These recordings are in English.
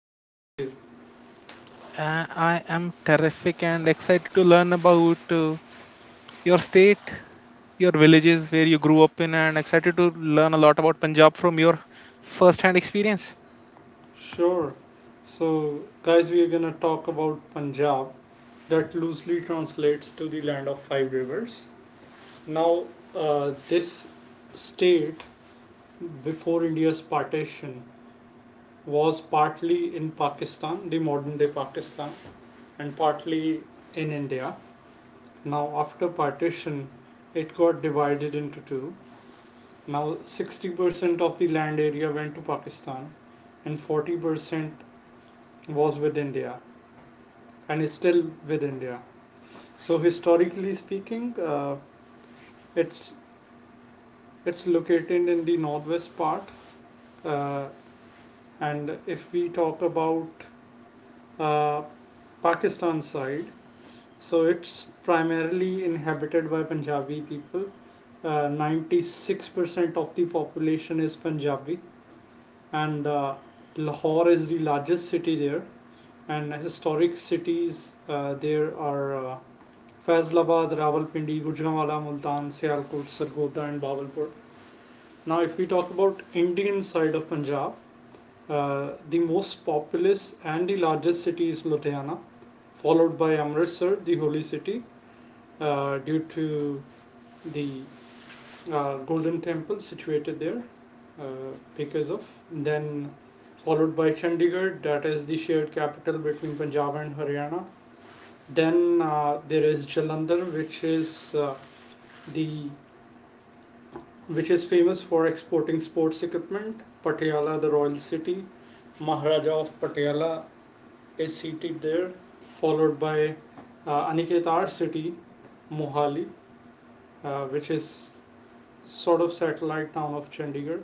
How are you, Aniket? Sure. So, guys, we are gonna talk about Punjab. That loosely translates to the land of five rivers. Now, this state before India's partition was partly in Pakistan, the modern day Pakistan, and partly in India. Now, after partition, it got divided into two. Now, 60% of the land area went to Pakistan and 40% was with India and is still with India. So, historically speaking, it's, it's located in the northwest part. Uh, and if we talk about uh, Pakistan side, so it's primarily inhabited by Punjabi people. 96% of the population is Punjabi, and Lahore is the largest city there, and historic cities there are Faisalabad, Rawalpindi, Gujranwala, Multan, Sialkot, Sargodha, and Bawalpur. Now, if we talk about Indian side of Punjab, the most populous and the largest city is Ludhiana, followed by Amritsar, the holy city, due to the golden temple situated there, uh, because of then followed by Chandigarh, that is the shared capital between Punjab and Haryana. Then there is Jalandhar, the which is famous for exporting sports equipment. Patiala, the royal city, Maharaja of Patiala is seated there, followed by Aniketar city, Mohali, which is sort of satellite town of Chandigarh.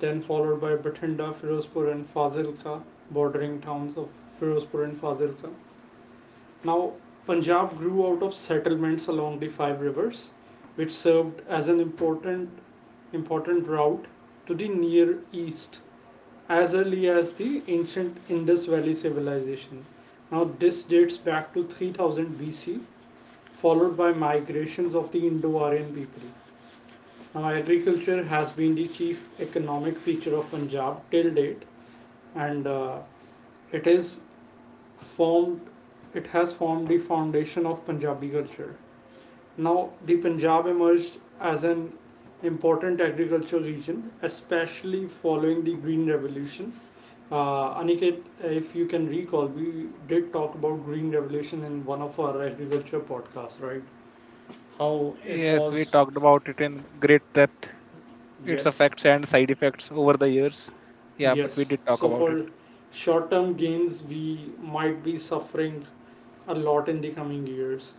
Then followed by Bathinda, Firozpur, and Fazilka, bordering towns of Firozpur and Fazilka. Now, Punjab grew out of settlements along the five rivers, which served as an important route to the Near East as early as the ancient Indus Valley civilization. Now, this dates back to 3000 BC, followed by migrations of the Indo Aryan people. Now, agriculture has been the chief economic feature of Punjab till date, and it is formed. It has formed the foundation of Punjabi culture. Now, the Punjab emerged as an important agricultural region, especially following the Green Revolution. Aniket, if you can recall, we did talk about Green Revolution in one of our agriculture podcasts, right? How it was, yes, yes. So for short-term gains, we might be suffering a lot in the coming years.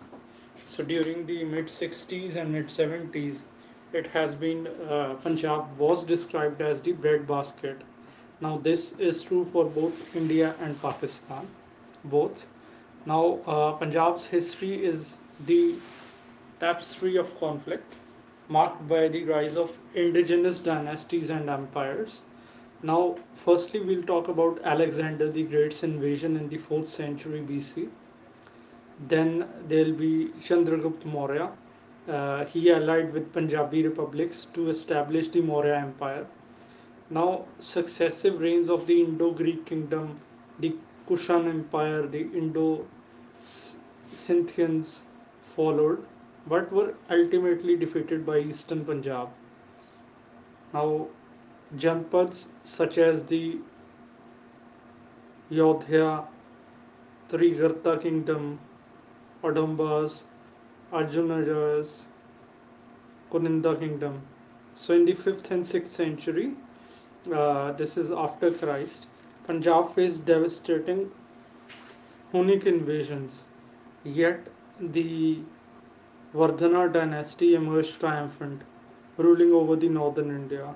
So during the mid 60s and mid 70s, it has been Punjab was described as the breadbasket. Now this is true for both India and Pakistan, both. Now Punjab's history is the tapestry of conflict, marked by the rise of indigenous dynasties and empires. Now, firstly, we'll talk about Alexander the Great's invasion in the 4th century BC. Then there'll be Chandragupta Maurya, he allied with Punjabi republics to establish the Maurya Empire. Now, successive reigns of the Indo Greek kingdom, the Kushan Empire, the Indo Scythians followed, but were ultimately defeated by eastern Punjab. Now, Janpads such as the Yodhya, Trigarta kingdom, Odambas, Arjunajas, Kuninda kingdom. So, in the 5th and 6th century, this is after Christ. Punjab faced devastating Hunnic invasions, yet the Vardhana dynasty emerged triumphant, ruling over the northern India.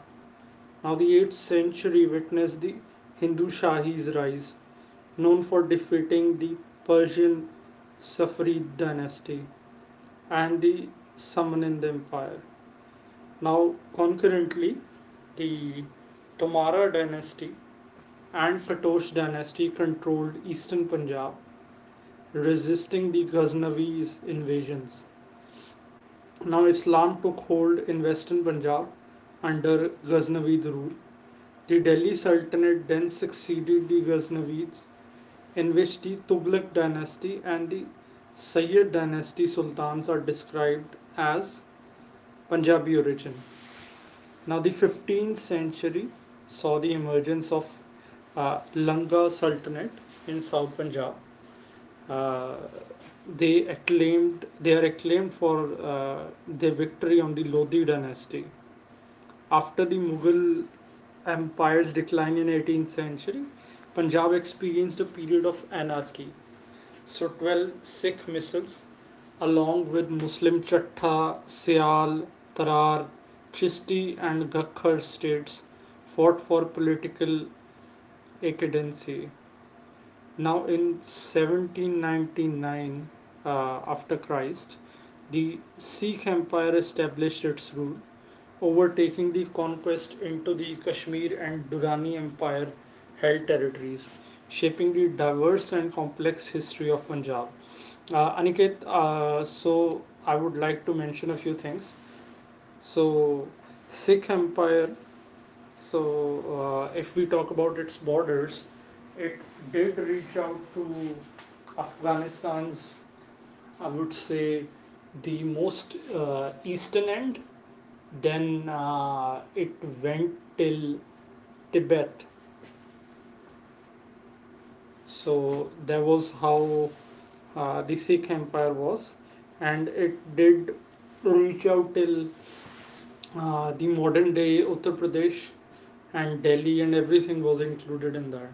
Now, the 8th century witnessed the Hindu Shahis rise, known for defeating the Persian Safarid dynasty and the Samanid Empire. Now, concurrently, the Tomara dynasty and Katoch dynasty controlled eastern Punjab, resisting the Ghaznavi's invasions. Now, Islam took hold in western Punjab under Ghaznavid rule. The Delhi Sultanate then succeeded the Ghaznavids, in which the Tughlaq dynasty and the Sayyid dynasty sultans are described as Punjabi origin. Now, the 15th century saw the emergence of Langa Sultanate in South Punjab. uh, they are acclaimed for their victory on the Lodhi dynasty. After the Mughal empire's decline in 18th century, Punjab experienced a period of anarchy. So 12 Sikh missiles along with Muslim Chatta, Sial, Tarar, Chisti and Gakhar states fought for political equidency. Now, in 1799 uh, after Christ, the Sikh Empire established its rule, overtaking the conquest into the Kashmir and Durrani Empire held territories, shaping the diverse and complex history of Punjab. Aniket, so I would like to mention a few things. So, Sikh Empire, if we talk about its borders, it did reach out to Afghanistan's, I would say, the most eastern end. Then it went till Tibet. So that was how the Sikh Empire was, and it did reach out till the modern day Uttar Pradesh and Delhi, and everything was included in that.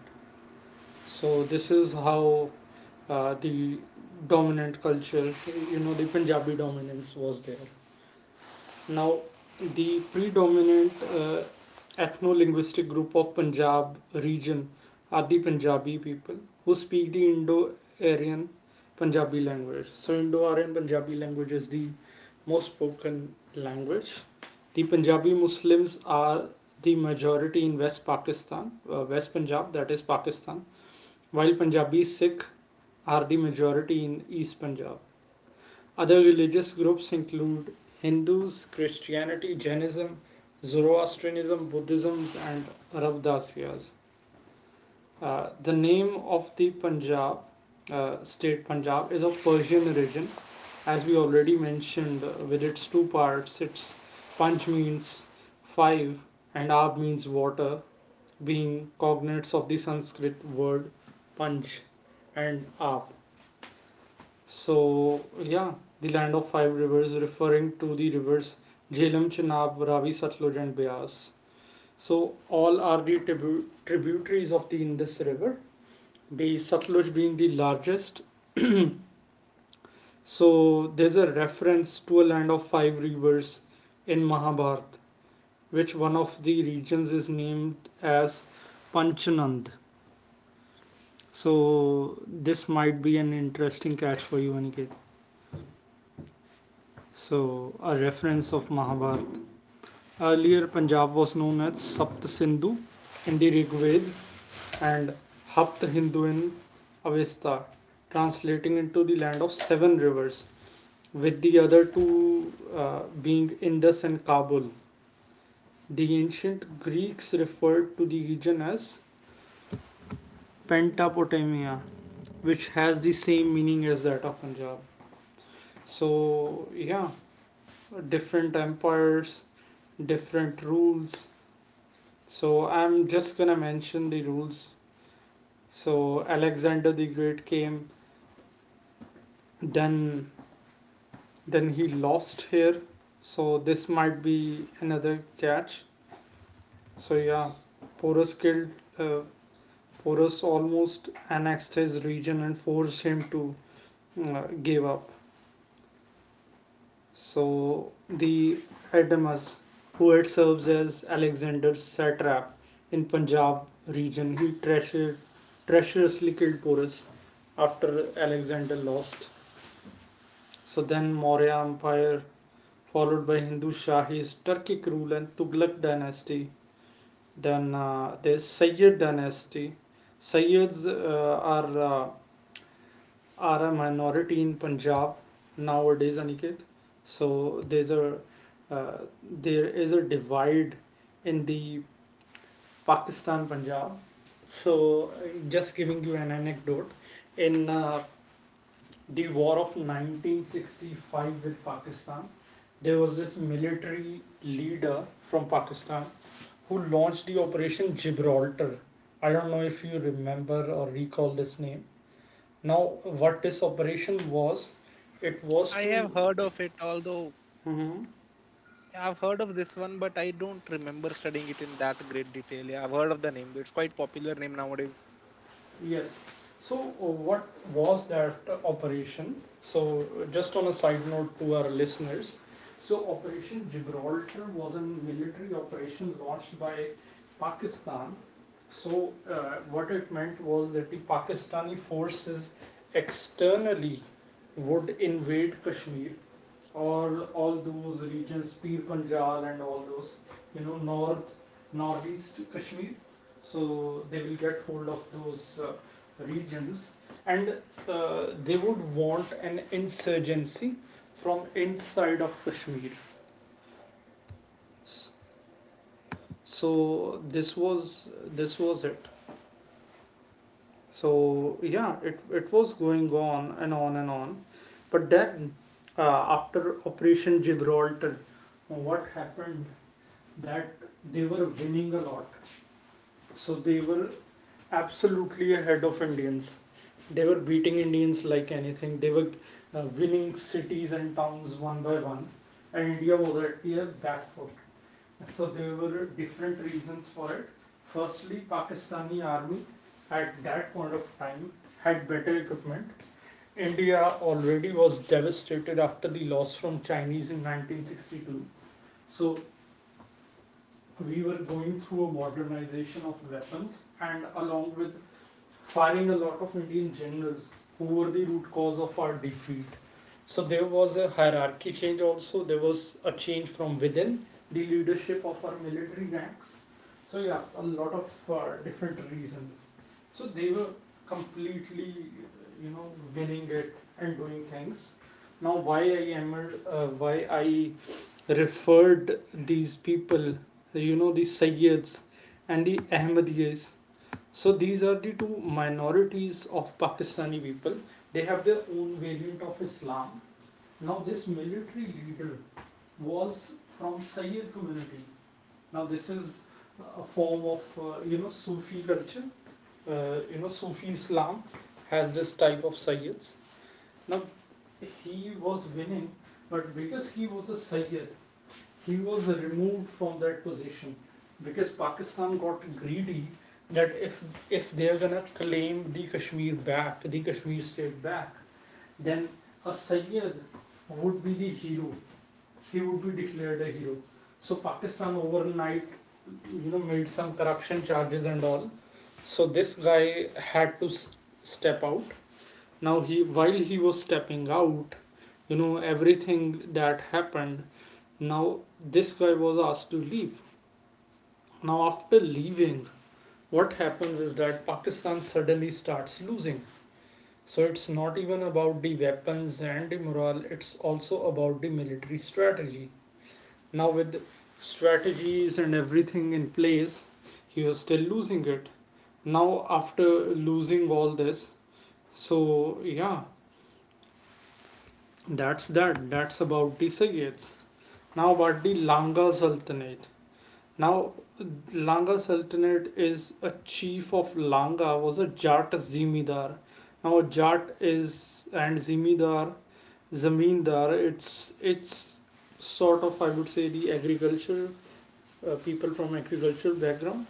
So this is how the dominant culture, you know, the Punjabi dominance was there. Now, the predominant ethno linguistic group of Punjab region are the Punjabi people who speak the Indo Aryan Punjabi language. So, Indo Aryan Punjabi language is the most spoken language. The Punjabi Muslims are the majority in West Pakistan, West Punjab, that is Pakistan, while Punjabi Sikh are the majority in East Punjab. Other religious groups include Hindus, Christianity, Jainism, Zoroastrianism, Buddhism, and Ravdasias. The name of the Punjab state Punjab is of Persian origin, as we already mentioned, with its two parts. Its Punj means five, and Ab means water, being cognates of the Sanskrit word Punj and Ab. So, yeah, the land of five rivers, referring to the rivers Jhelum, Chenab, Ravi, Satluj, and Bias. So, all are the tributaries of the Indus River, the Satluj being the largest. So, there's a reference to a land of five rivers in Mahabharata, which one of the regions is named as Panchanand. So, this might be an interesting catch for you, Aniket. So, a reference of Mahabharata. Earlier, Punjab was known as Sapt Sindhu in the Rigved and Hapt Hindu in Avesta, translating into the land of seven rivers, with the other two being Indus and Kabul. The ancient Greeks referred to the region as Pentapotamia, which has the same meaning as that of Punjab. So, yeah, different empires, different rules. So, I'm just gonna mention the rules. So Alexander the Great came, then then he lost here, so this might be another catch. So yeah, Porus killed, uh, Porus almost annexed his region and forced him to give up. So the Adamas, who had serves as Alexander's satrap in Punjab region, he treacherously killed Porus after Alexander lost. So then Maurya Empire, followed by Hindu Shahis, Turkic rule, and Tughlaq dynasty. Then there's Sayyid dynasty. Sayyids are a minority in Punjab nowadays, Aniket. So there is a divide in the Pakistan Punjab. So just giving you an anecdote in the war of 1965 with Pakistan, there was this military leader from Pakistan who launched the Operation Gibraltar. I don't know if you remember or recall this name. Now, what this operation was, it was to. Mm-hmm. Yes. So what was that operation? So just on a side note to our listeners, so Operation Gibraltar was a military operation launched by Pakistan. So what it meant was that the Pakistani forces externally would invade Kashmir or all those regions, Pir Panjal and all those, you know, north, northeast Kashmir. So they will get hold of those regions and they would want an insurgency from inside of Kashmir. So this was this was it. So yeah, it was going on and on and on. But then after Operation Gibraltar, what happened that they were winning a lot. So they were absolutely ahead of Indians. They were beating Indians like anything. They were winning cities and towns one by one, and India was at their back foot. So there were different reasons for it. Firstly, Pakistani army at that point of time had better equipment. India already was devastated after the loss from Chinese in 1962. So we were going through a modernization of weapons and along with firing a lot of Indian generals who were the root cause of our defeat. So there was a hierarchy change also, there was a change from within the leadership of our military ranks. So yeah, a lot of different reasons. So they were completely, you know, winning it and doing things. Now why I am, Why I referred these people, you know, the Sayyids and the Ahmadiyas. So these are the two minorities of Pakistani people. They have their own variant of Islam. Now this military leader was from Sayyid community. Now this is a form of you know Sufi culture. You know Sufi Islam has this type of Sayyids. Now he was winning, but because he was a Sayyid, he was removed from that position because Pakistan got greedy that if they're gonna claim the Kashmir back, the Kashmir state back, then a Sayyid would be the hero. He would be declared a hero. So Pakistan overnight, you know, made some corruption charges and all. So this guy had to step out. Now he, while he was stepping out, you know, everything that happened now, this guy was asked to leave. Now, after leaving, what happens is that Pakistan suddenly starts losing. So, it's not even about the weapons and the morale, it's also about the military strategy. Now, with strategies and everything in place, he was still losing it. Now, after losing all this, so yeah, that's that. That's about the Sayyids. Now, about the Langa Sultanate. Now, Langa Sultanate is a chief of Langa was a Jat Zimidar. Now, Jat is and Zimidar, Zamindar. It's sort of, I would say, the agriculture people from agricultural background.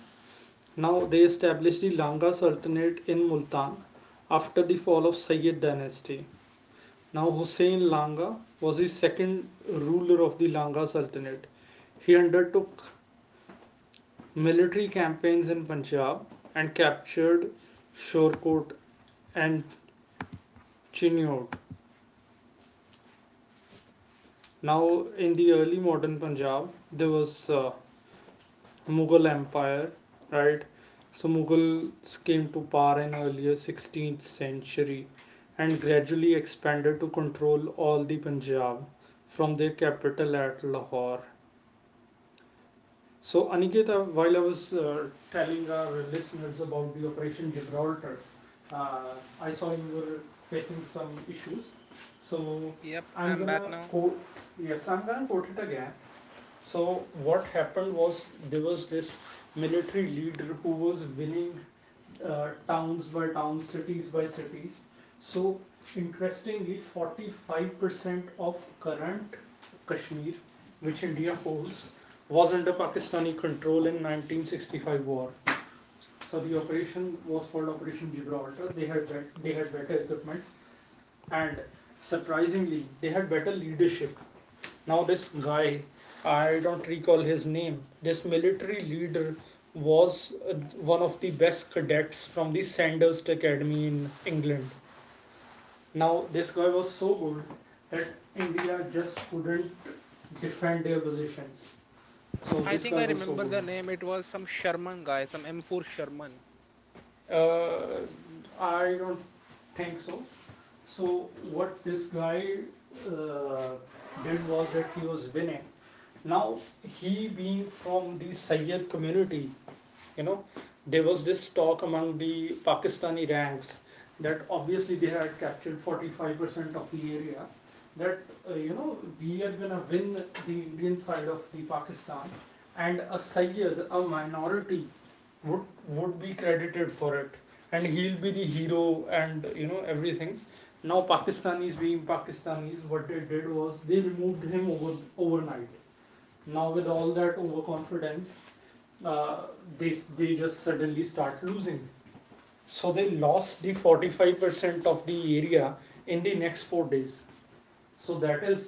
Now they established the Langa Sultanate in Multan after the fall of Sayyid dynasty. Now Hussein Langa was the second ruler of the Langa Sultanate. He undertook military campaigns in Punjab and captured Shorkot and Chinnot. Now, in the early modern Punjab, there was Mughal Empire, right? So Mughals came to power in earlier 16th century and gradually expanded to control all the Punjab from their capital at Lahore. So, Aniketa, while I was telling our listeners about the Operation Gibraltar, uh, I saw you were facing some issues. So, Yep, I'm I'm back gonna now. quote, yes, I'm gonna quote it again. So, what happened was there was this military leader who was willing towns by towns, cities by cities. So interestingly, 45% of current Kashmir, which India holds, was under Pakistani control in 1965 war. So the operation was called Operation Gibraltar. They had they had better equipment and surprisingly they had better leadership. Now, this guy, I don't recall his name, this military leader was one of the best cadets from the Sandhurst Academy in England. Now, this guy was so good that India just couldn't defend their positions. So, I this think guy I was so remember good. the name. It was some Sherman guy, some M4 Sherman. Uh, I don't think so. So, what this guy uh, did was that he was winning. Now, he being from the Sayyid community, you know there was this talk among the Pakistani ranks that obviously they had captured 45% of the area, that you know, we are going to win the Indian side of the Pakistan, and a Sayyid, a minority, would be credited for it, and he'll be the hero, and you know everything. Now Pakistanis being Pakistanis, what they did was they removed him overnight. Now with all that overconfidence, uh, they they just suddenly start losing. So they lost the 45% of the area in the next 4 days. So that is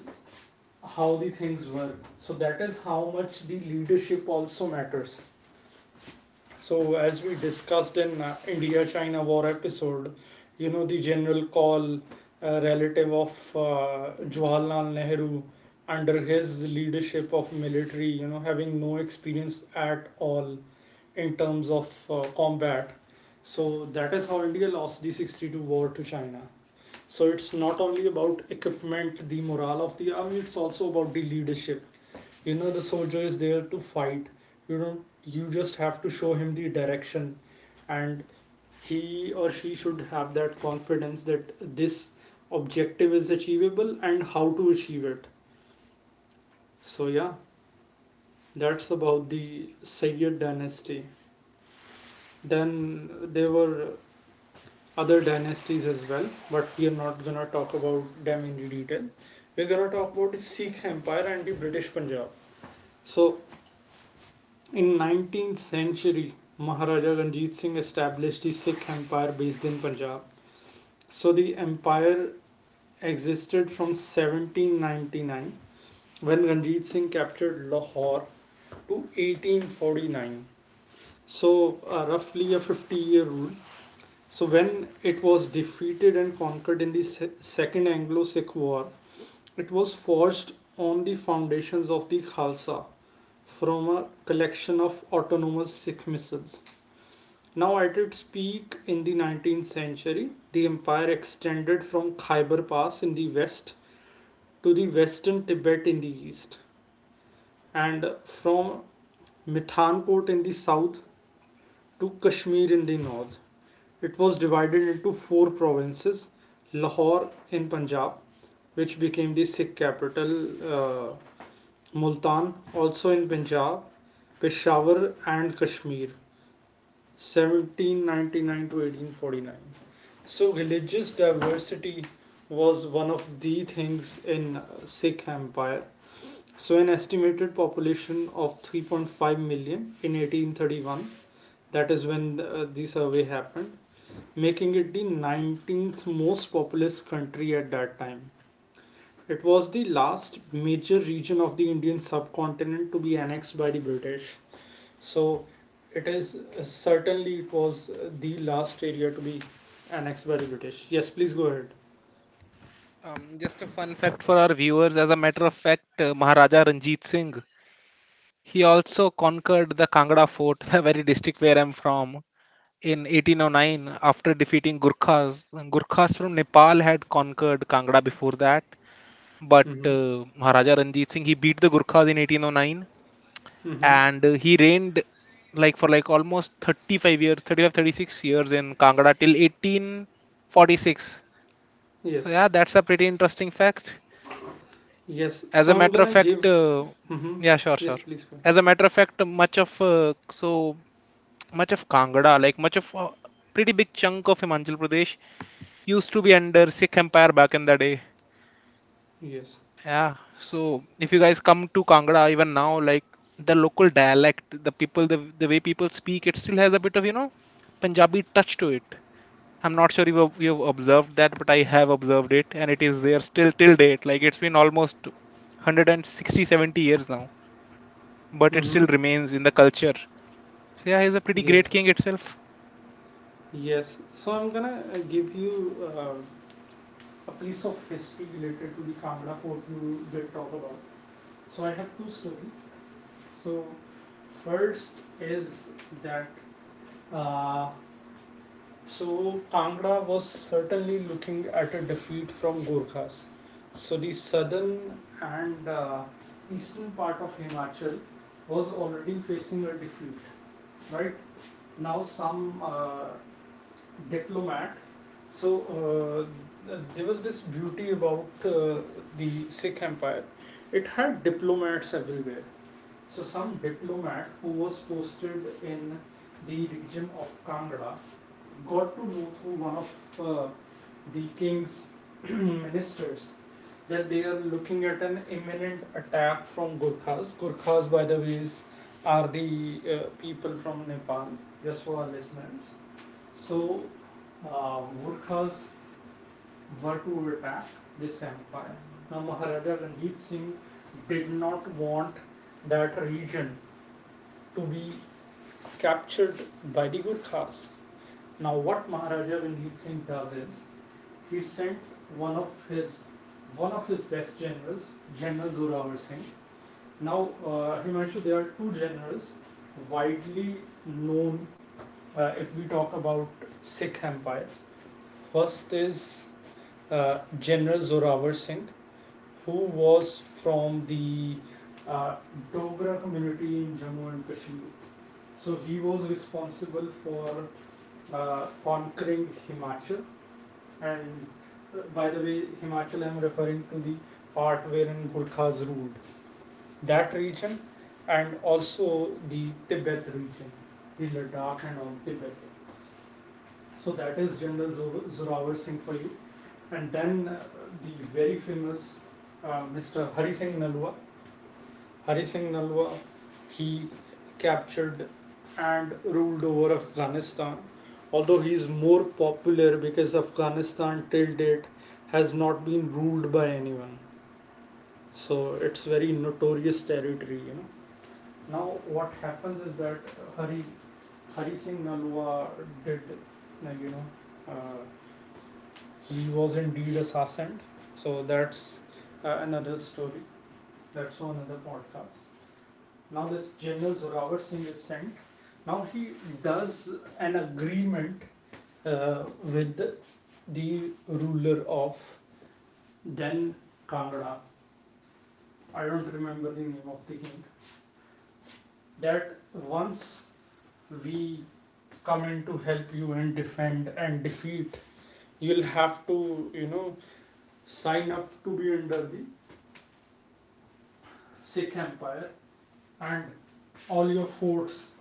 how the things were. So that is how much the leadership also matters. So as we discussed in India-China war episode, you know, the general, call relative of Jawaharlal Nehru, under his leadership of military, you know, having no experience at all in terms of combat. So that is how India lost the 62 war to China. So it's not only about equipment, the morale of the army, it's also about the leadership. You know, the soldier is there to fight. You don't you just have to show him the direction, and he or she should have that confidence that this objective is achievable and how to achieve it. So yeah, that's about the Sayyid dynasty. Then there were other dynasties as well, but we are not gonna talk about them in detail. We're gonna talk about the Sikh Empire and the British Punjab. So, in 19th century, Maharaja Ranjit Singh established the Sikh Empire based in Punjab. So the empire existed from 1799, when Ranjit Singh captured Lahore, to 1849. So roughly a 50-year rule. So when it was defeated and conquered in the Second Anglo-Sikh War, it was forged on the foundations of the Khalsa from a collection of autonomous Sikh missiles. Now at its peak in the 19th century, the empire extended from Khyber Pass in the west to the western Tibet in the east, and from Mithankot in the south to Kashmir in the north. It was divided into four provinces: Lahore in Punjab, which became the Sikh capital, uh, Multan, also in Punjab, Peshawar, and Kashmir, 1799 to 1849. So, religious diversity was one of the things in Sikh Empire. So, an estimated population of 3.5 million in 1831, that is when the survey happened, making it the 19th most populous country at that time. It was the last major region of the Indian subcontinent to be annexed by the British. So it is certainly it was the last area to be annexed by the British. Yes, please go ahead. Just a fun fact for our viewers. As a matter of fact, Maharaja Ranjit Singh, he also conquered the Kangra fort, the very district where I'm from, in 1809 after defeating Gurkhas. Gurkhas from Nepal had conquered Kangra before that, but Mm-hmm. Maharaja Ranjit Singh, he beat the Gurkhas in 1809, Mm-hmm. and he reigned, like, for like almost 35, 36 years in Kangra till 1846. So Yes. yeah, that's a pretty interesting fact. Yes. As So a I'm matter of gonna fact, give. Mm-hmm. yeah, sure, Yes, sure. please go. As a matter of fact, much of so much of Kangra, like much of pretty big chunk of Himachal Pradesh used to be under Sikh Empire back in the day. Yes. Yeah. So if you guys come to Kangra even now, like, the local dialect, the people, the way people speak, it still has a bit of Punjabi touch to it. I'm not sure if you've observed that, but I have observed it, and it is there still till date. Like, it's been almost 160, 70 years now, but it Mm-hmm. still remains in the culture. So yeah, he's a pretty great Yes. king itself. Yes. So I'm gonna give you a piece of history related to the Kangra fort you did talk about. So I have two stories. So first is that, uh, so Kangra was certainly looking at a defeat from Gorkhas. So the southern and eastern part of Himachal was already facing a defeat. Right now, some diplomat. So there was this beauty about the Sikh Empire. It had diplomats everywhere. So some diplomat who was posted in the region of Kangra got to know through one of uh, the king's ministers that they are looking at an imminent attack from Gurkhas. Gurkhas, by the way, is, are the people from Nepal, just for our listeners. So, woodcuts were to attack this empire. Now, Maharaja Ranjit Singh did not want that region to be captured by the Gurkhas. Now, what Maharaja Ranjit Singh does is he sent one of his one of his best generals, General Zorawar Singh. Now, Himanshu, there are two generals widely known, if we talk about Sikh Empire. First is General Zorawar Singh, who was from the uh, Dogra community in Jammu and Kashmir. So he was responsible for conquering Himachal. And by the way, Himachal, I'm referring to the part wherein Gurkhas ruled that region, and also the Tibet region, the Ladakh and all Tibet. So that is General Zorawar Singh for you. And then the very famous Mr. Hari Singh Nalwa. Hari Singh Nalwa, he captured and ruled over Afghanistan. Although he is more popular because Afghanistan till date has not been ruled by anyone. So it's very notorious territory, you know. Now what happens is that, uh, Hari Singh Nalwa did, uh, you know, uh, he was indeed assassinated. So that's another story. That's for another podcast. Now this General Zorawar Singh is sent. Now he does an agreement with the ruler of then Kangra. I don't remember the name of the king. That once we come in to help you and defend and defeat, you'll have to, you know, sign up to be under the Sikh Empire, and all your forts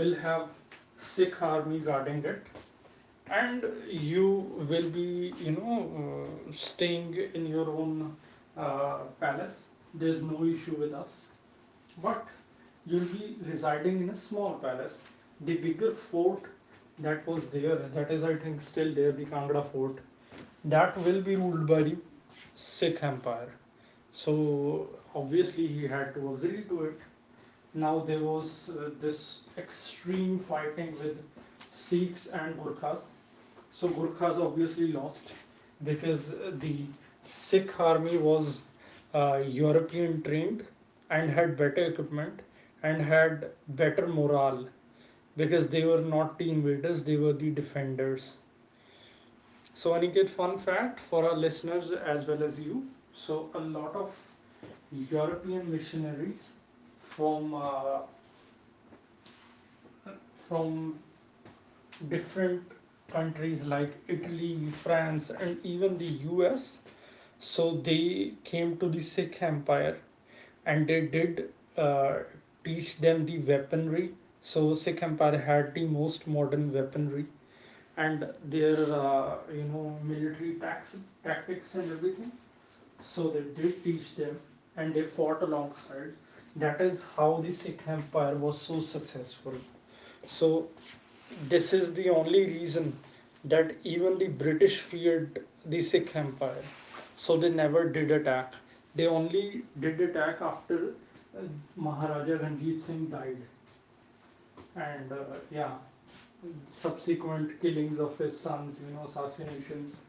will have Sikh army guarding it, and you will be, you know, staying in your own palace. There's no issue with us, but you'll be residing in a small palace. The bigger fort that was there, that is, I think, still there, the Kangra fort, that will be ruled by the Sikh Empire. So obviously, he had to agree to it. Now there was this extreme fighting with Sikhs and Gurkhas. So Gurkhas obviously lost because the Sikh army was European trained and had better equipment and had better morale because they were not the invaders, they were the defenders. So, Aniket, fun fact for our listeners as well as you. So, a lot of European missionaries from from different countries like Italy, France, and even the US. So they came to the Sikh Empire and they did, uh, teach them the weaponry. So Sikh Empire had the most modern weaponry and their you know, military tactics and everything. So they did teach them and they fought alongside. That is how the Sikh Empire was so successful. So this is the only reason that even the British feared the Sikh Empire. So they never did attack. They only did attack after uh, Maharaja Ranjit Singh died. And yeah, subsequent killings of his sons, you know, assassinations.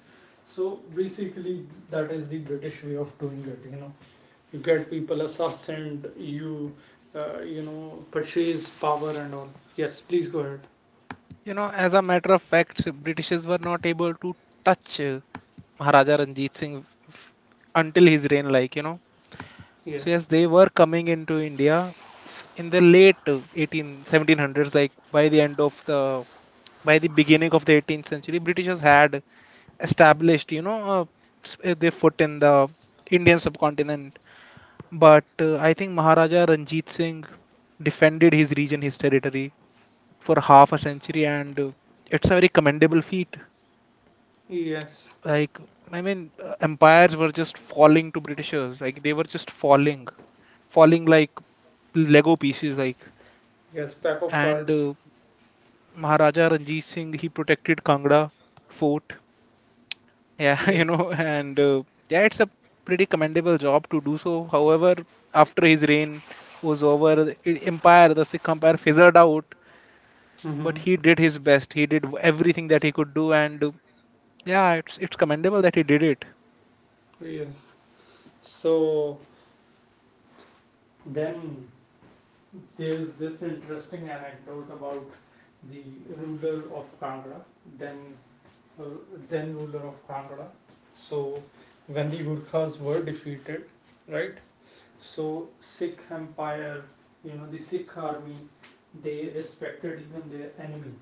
So basically, that is the British way of doing it, you know. You get people assassinated, you, you know, purchase power and all. Yes, please go ahead. You know, as a matter of fact, the Britishes were not able to touch Maharaja Ranjit Singh until his reign, like, you know. So yes, Yes. they were coming into India in the late 18 1700s, like, by the beginning of the 18th century, Britishers had established, you know, their foot in the Indian subcontinent. But I think Maharaja Ranjit Singh defended his region, his territory for half a century, and it's a very commendable feat. Yes. Like, I mean, empires were just falling to Britishers, like, they were just falling, falling like Lego pieces, like, Yes, pack of and cards. Maharaja Ranjit Singh, he protected Kangra fort, yeah, you Yes. know, and yeah, it's a pretty commendable job to do so. However, after his reign was over, the Sikh Empire fizzled out, but Mm-hmm. he did his best, he did everything that he could do, and yeah, it's commendable that he did it. Yes. So then there's this interesting anecdote about the ruler of Kangra, then uh, then ruler of Kangra. So when the Gurkhas were defeated, right? So Sikh Empire, you know, the Sikh army, they respected even their enemy.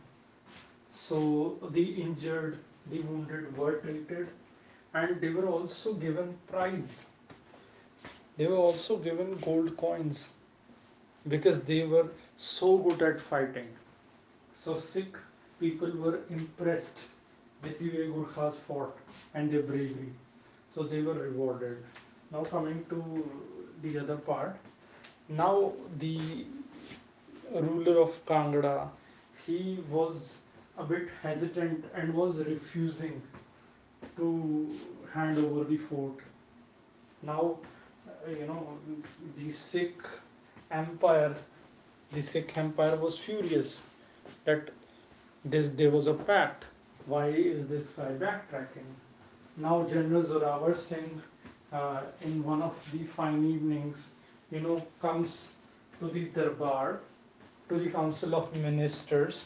So the injured, the wounded were treated, and they were also given prize. They were also given gold coins because they were so good at fighting. So Sikh people were impressed with the way Gurkhas fought and their bravery. So they were rewarded. Now coming to the other part. Now the ruler of Kangra, he was a bit hesitant and was refusing to hand over the fort. Now, uh, you know, the Sikh empire The Sikh empire was furious that this there was a pact. Why is this guy backtracking? Now, General Zorawar Singh, in one of the fine evenings, comes to the darbar, to the council of ministers,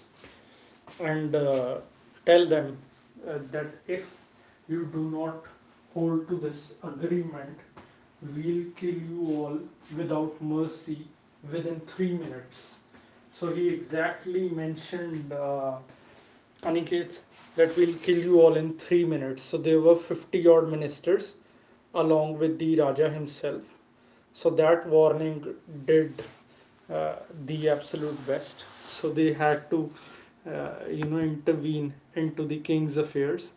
and tell them that if you do not hold to this agreement, we'll kill you all without mercy within 3 minutes. So he exactly mentioned, Aniket, that we'll kill you all in 3 minutes. So there were 50 odd ministers along with the Raja himself. So that warning did, uh, the absolute best. So they had to, intervene into the king's affairs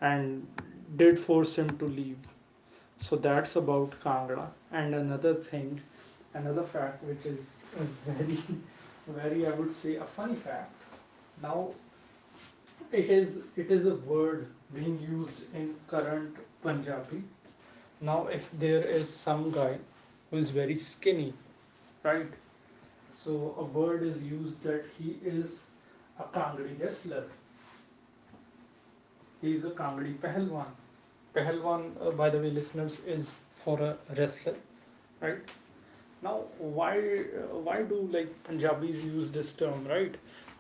and did force him to leave. So that's about Kangra. And another fact, which is very, very, I would say, a funny fact. Now, it is a word being used in current Punjabi. Now, if there is some guy who is very skinny, right? So a word is used that he is a kangri wrestler, he is a kangri pehlwan. Pehlwan, by the way, listeners, is for a wrestler, right? Now, why do, like, Punjabis use this term, right?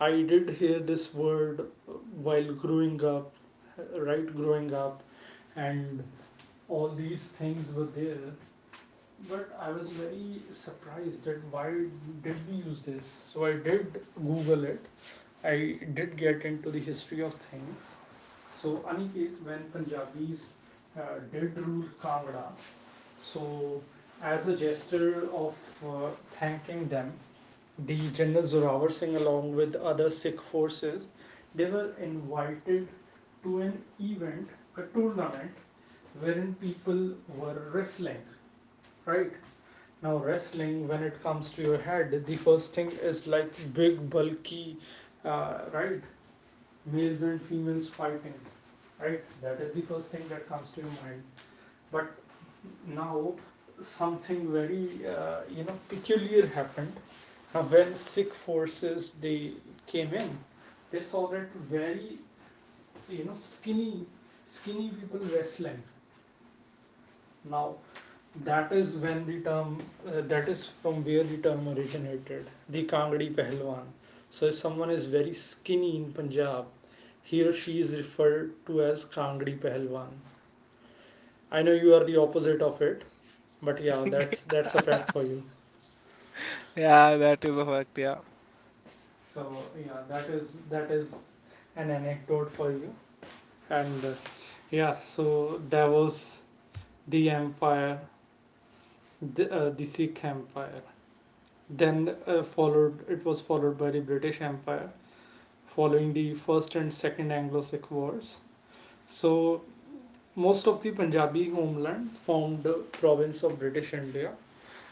I did hear this word while growing up, right? Growing up, and all these things were there, but I was very surprised that why did we use this? So I did Google it. I did get into the history of things. So, Aniket, when Punjabis did rule Kangra, so as a gesture of thanking them, the General Zorawar Singh, along with other Sikh forces, they were invited to an event, a tournament, wherein people were wrestling, right? Now, wrestling, when it comes to your head, the first thing is like big, bulky, right? Males and females fighting, right? That is the first thing that comes to your mind. But now something very peculiar happened. Now, when Sikh forces, they came in, they saw that very skinny, skinny people wrestling. Now, that is when the term that is from where the term originated, the Kangdi Pehlwan. So if someone is very skinny in Punjab, here she is referred to as Kangri Pehlwan. I know you are the opposite of it, but yeah, that's a fact for you. Yeah, that is a fact, yeah. So yeah, that is an anecdote for you. And yeah, so that was the empire, the Sikh empire. Then followed it was followed by the British Empire, following the first and second Anglo-Sikh wars. So most of the Punjabi homeland formed the province of British India.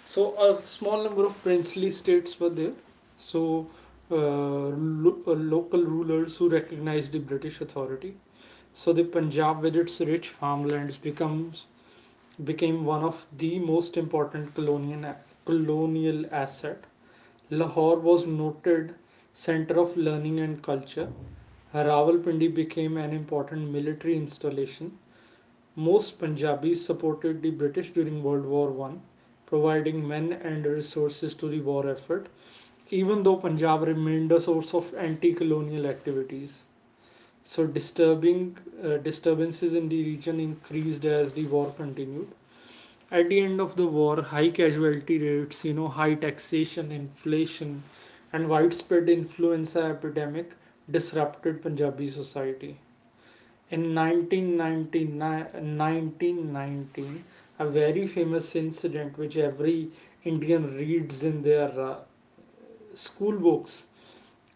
So a small number of princely states were there. So uh, local rulers who recognized the British authority. So the Punjab, with its rich farmlands, becomes became one of the most important colonial asset. Lahore was noted center of learning and culture. Rawalpindi became an important military installation. Most Punjabis supported the British during World War One, providing men and resources to the war effort, even though Punjab remained a source of anti colonial activities. So, disturbing disturbances in the region increased as the war continued. At the end of the war, high casualty rates, high taxation, inflation, and widespread influenza epidemic disrupted Punjabi society. In 1919, a very famous incident which every Indian reads in their school books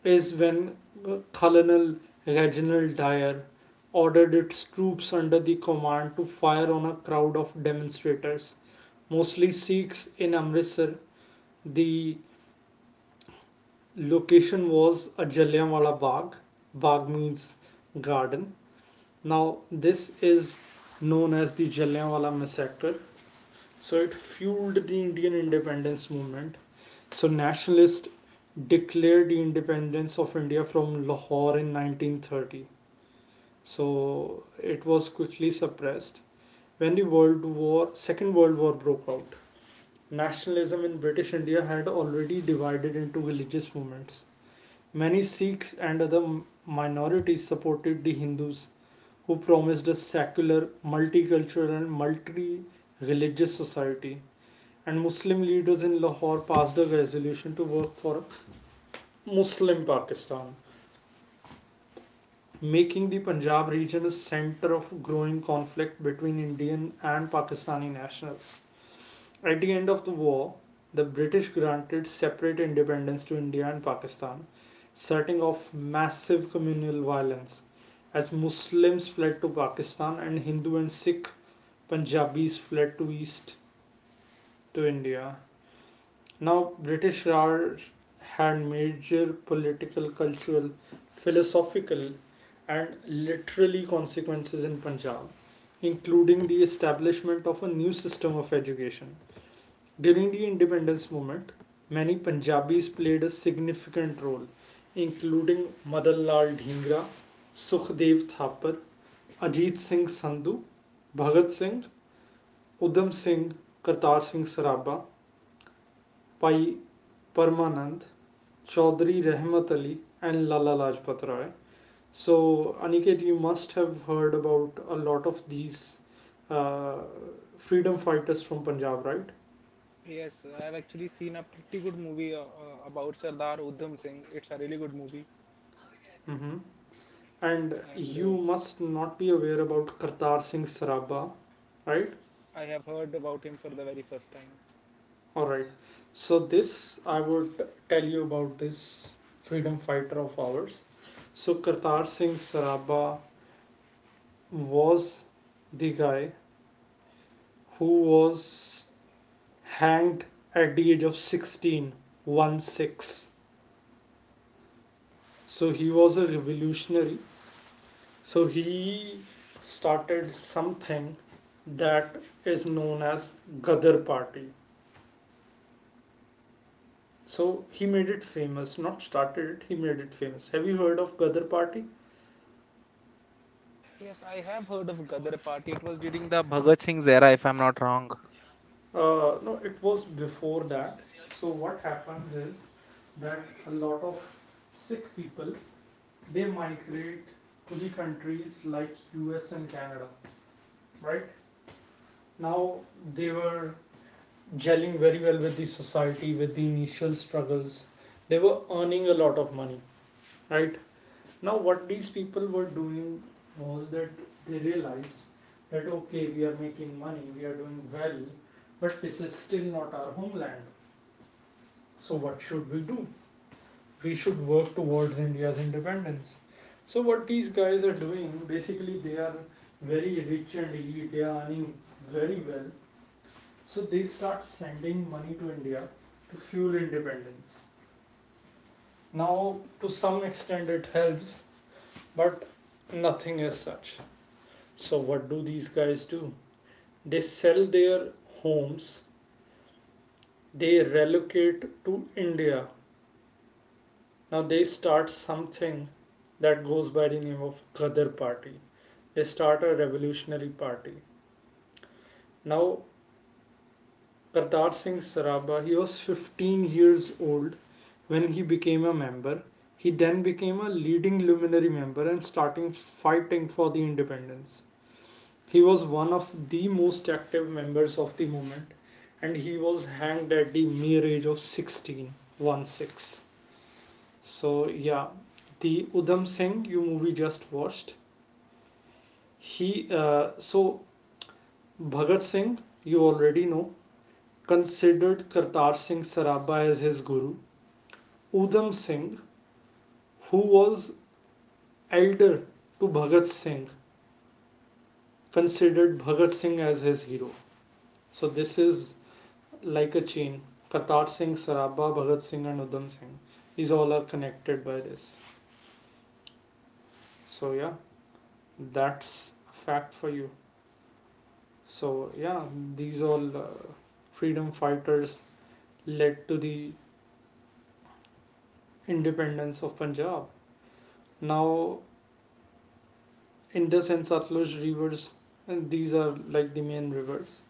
is when Colonel Reginald Dyer ordered its troops under the command to fire on a crowd of demonstrators, mostly Sikhs in Amritsar. The location was a Jallianwala Bagh. Bagh means garden. Now, this is known as the Jallianwala massacre. So, it fueled the Indian independence movement. So, nationalists declared the independence of India from Lahore in 1930. So, it was quickly suppressed. When the Second World War broke out, nationalism in British India had already divided into religious movements. Many Sikhs and other minorities supported the Hindus, who promised a secular, multicultural, and multi religious society. And Muslim leaders in Lahore passed a resolution to work for a Muslim Pakistan, making the Punjab region a center of growing conflict between Indian and Pakistani nationals. At the end of the war, the British granted separate independence to India and Pakistan, setting off massive communal violence as Muslims fled to Pakistan and Hindu and Sikh Punjabis fled to east to India. Now, British Raj had major political, cultural, philosophical, and literally consequences in Punjab, including the establishment of a new system of education. During the independence movement, many Punjabis played a significant role, including Madan Lal Dhingra, Sukhdev Thapar, Ajit Singh Sandhu, Bhagat Singh, Udham Singh, Kartar Singh Sarabha Pai, Parmanand, Chaudhary Rehmat Ali, and Lala Lajpat Rai. So, Aniket, you must have heard about a lot of these uh, freedom fighters from Punjab, right? Yes, I've actually seen a pretty good movie, about Sardar Udham Singh. It's a really good movie, Mm-hmm. And and you must not be aware about Kartar Singh Sarabha, right? I have heard about him for the very first time. All right, so this I would tell you about this freedom fighter of ours. So Kartar Singh Sarabha was the guy who was hanged at the age of 16, one 6. So he was a revolutionary. So he started something that is known as Gadar Party. So he made it famous, not started it, he made it famous. Have you heard of Gadar Party? Yes, I have heard of Gadar Party. It was during the Bhagat Singh's era, if I'm not wrong. No, it was before that. So what happens is that a lot of sick people, they migrate to the countries like US and Canada, right? Now, they were gelling very well with the society, with the initial struggles. They were earning a lot of money, right? Now, what these people were doing was that they realized that okay, we are making money, we are doing well, but this is still not our homeland. So, what should we do? We should work towards India's independence. So what these guys are doing, basically they are very rich and elite, they are earning very well. So they start sending money to India to fuel independence. Now, to some extent it helps, but nothing as such. So what do these guys do? They sell their homes, they relocate to India. Now they start something that goes by the name of Gadar Party. They start a revolutionary party. Now, Kartar Singh Saraba, he was 15 years old when he became a member. He then became a leading luminary member and starting fighting for the independence. He was one of the most active members of the movement, and he was hanged at the mere age of 16, 1 6. So, yeah, the Udham Singh you movie just watched, he, so Bhagat Singh, you already know, considered Kartar Singh Saraba as his guru. Udham Singh, who was elder to Bhagat Singh, considered Bhagat Singh as his hero. So this is like a chain. Kartar Singh Saraba, Bhagat Singh, and Udham Singh. These all are connected by this. So yeah, that's a fact for you. So yeah, these all freedom fighters led to the independence of Punjab. Now, Indus and Satluj rivers, and these are like the main rivers.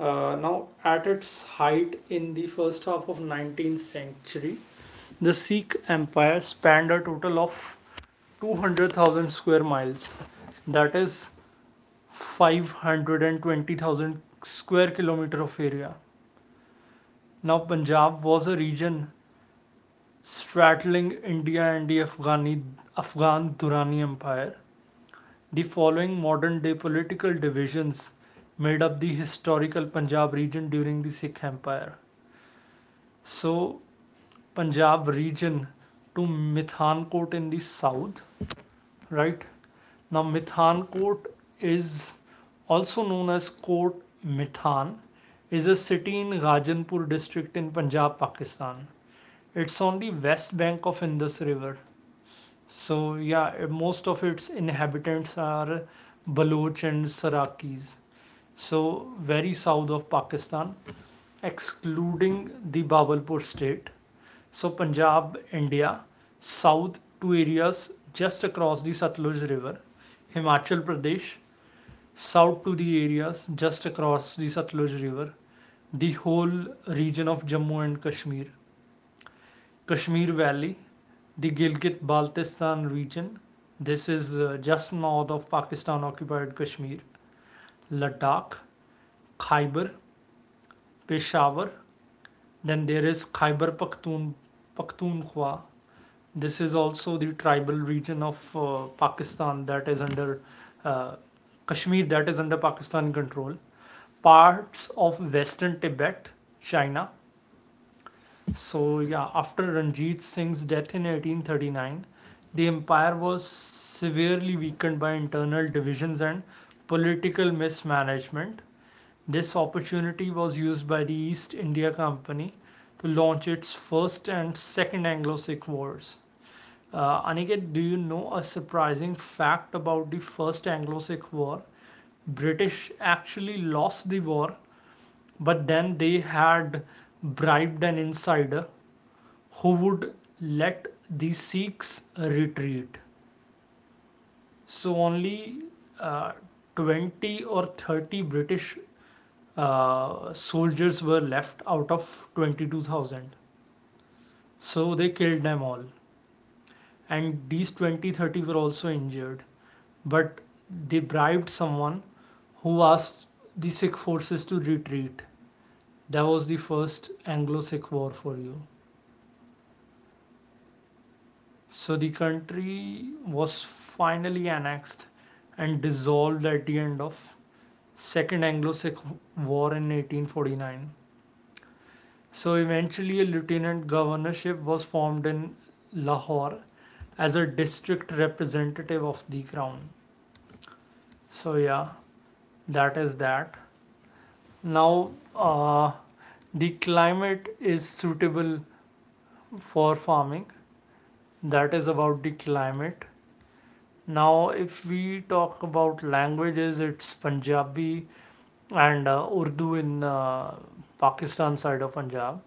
Now, at its height in the first half of 19th century, the Sikh Empire spanned a total of 200,000 square miles. That is 520,000 square kilometer of area. Now, Punjab was a region straddling India and the Afghan Durrani Empire. The following modern day political divisions made up the historical Punjab region during the Sikh Empire. So, Punjab region to Mithankot in the south, right? Now, Mithankot is also known as Kot Mithan, is a city in Ghajanpur district in Punjab, Pakistan. It's on the west bank of Indus River. So, yeah, most of its inhabitants are Baloch and Sarakis. So very south of Pakistan, excluding the Bawalpur state. So Punjab, India, south to areas just across the Satluj River, Himachal Pradesh, south to the areas just across the Satluj River, the whole region of Jammu and Kashmir, Kashmir Valley, the Gilgit Baltistan region. This is just north of Pakistan occupied Kashmir, Ladakh, Khyber, Peshawar. Then there is Pakhtunkhwa. This is also the tribal region of Pakistan, that is under uh, Kashmir, that is under Pakistan control. Parts of Western Tibet, China. So, yeah, after Ranjit Singh's death in 1839, the empire was severely weakened by internal divisions and political mismanagement. This opportunity was used by the East India Company to launch its first and second Anglo Sikh Wars. Aniket, do you know a surprising fact about the first Anglo Sikh War? British actually lost the war, but then they had bribed an insider who would let the Sikhs retreat. So only uh, 20 or 30 British soldiers were left out of 22,000. So they killed them all. And these 20-30 were also injured. But they bribed someone who asked the Sikh forces to retreat. That was the first Anglo Sikh war for you. So the country was finally annexed and dissolved at the end of Second Anglo Sikh War in 1849. So eventually, a lieutenant governorship was formed in Lahore as a district representative of the crown. So, yeah, that is that. Now, uh, the climate is suitable for farming. That is about the climate. Now, if we talk about languages, it's Punjabi and Urdu in Pakistan side of Punjab.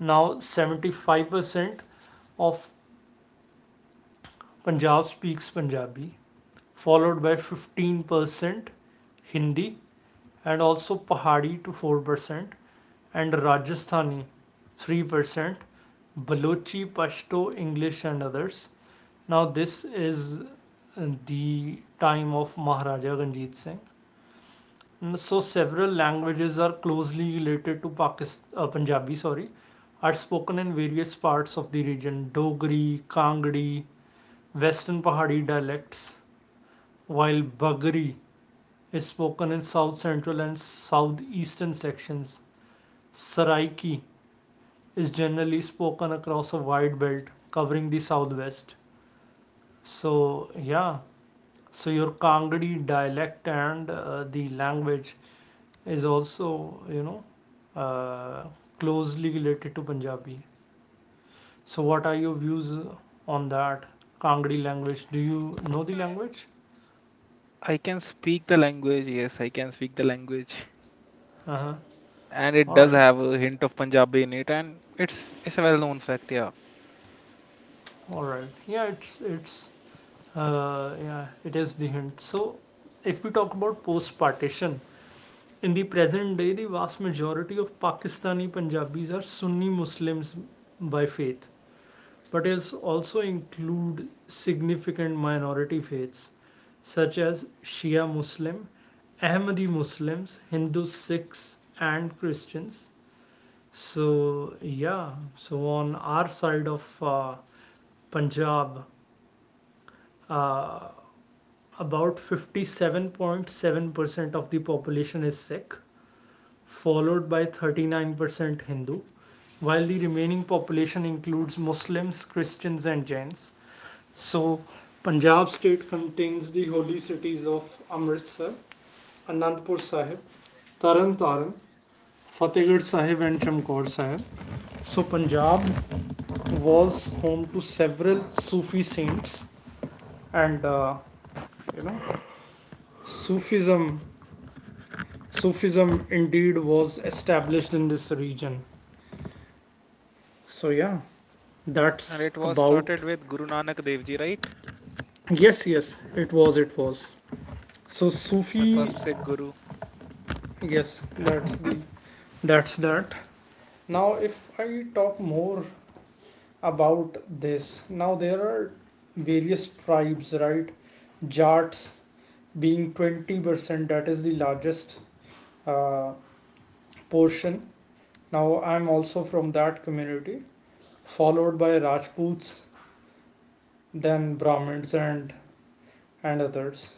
Now, 75% of Punjab speaks Punjabi, followed by 15% Hindi, and also Pahari to 4% and Rajasthani 3%, Balochi, Pashto, English, and others. Now this is the time of Maharaja Ranjit Singh. So several languages are closely related to Pakistan, Punjabi, sorry, are spoken in various parts of the region. Dogri, Kangri, Western Pahari dialects, while Bagri is spoken in south central and southeastern sections. Saraiki is generally spoken across a wide belt covering the southwest. So, yeah, so your Kangadi dialect and the language is also, you know, uh, closely related to Punjabi. So, what are your views on that Kangadi language? Do you know the language? I can speak the language. Yes, I can speak the language, Uh huh. and it All does right. have a hint of Punjabi in it, and it's a well-known fact. Yeah, All right. Yeah, it is the hint. So, if we talk about post partition, in the present day, the vast majority of Pakistani Punjabis are Sunni Muslims by faith, but it also include significant minority faiths such as Shia Muslim, Ahmadi Muslims, Hindu Sikhs, and Christians. So, yeah, so on our side of Punjab, uh, about 57.7% of the population is Sikh, followed by 39% Hindu, while the remaining population includes Muslims, Christians, and Jains. So, Punjab state contains the holy cities of Amritsar, Anandpur Sahib, Taran Taran, Fatehgarh Sahib, and Chamkaur Sahib. So, Punjab was home to several Sufi saints, and you know, Sufism Sufism indeed was established in this region. So, yeah, and that's it was about. started with Guru Nanak Dev Ji, right? Yes, yes, it was, it was. So, The Sufi, first Sikh Guru. yes, that's the. That's that. Now, if I talk more about this, now there are various tribes, right? Jats being 20%, that is the largest uh, portion. Now, I'm also from that community, followed by Rajputs, than Brahmins and others.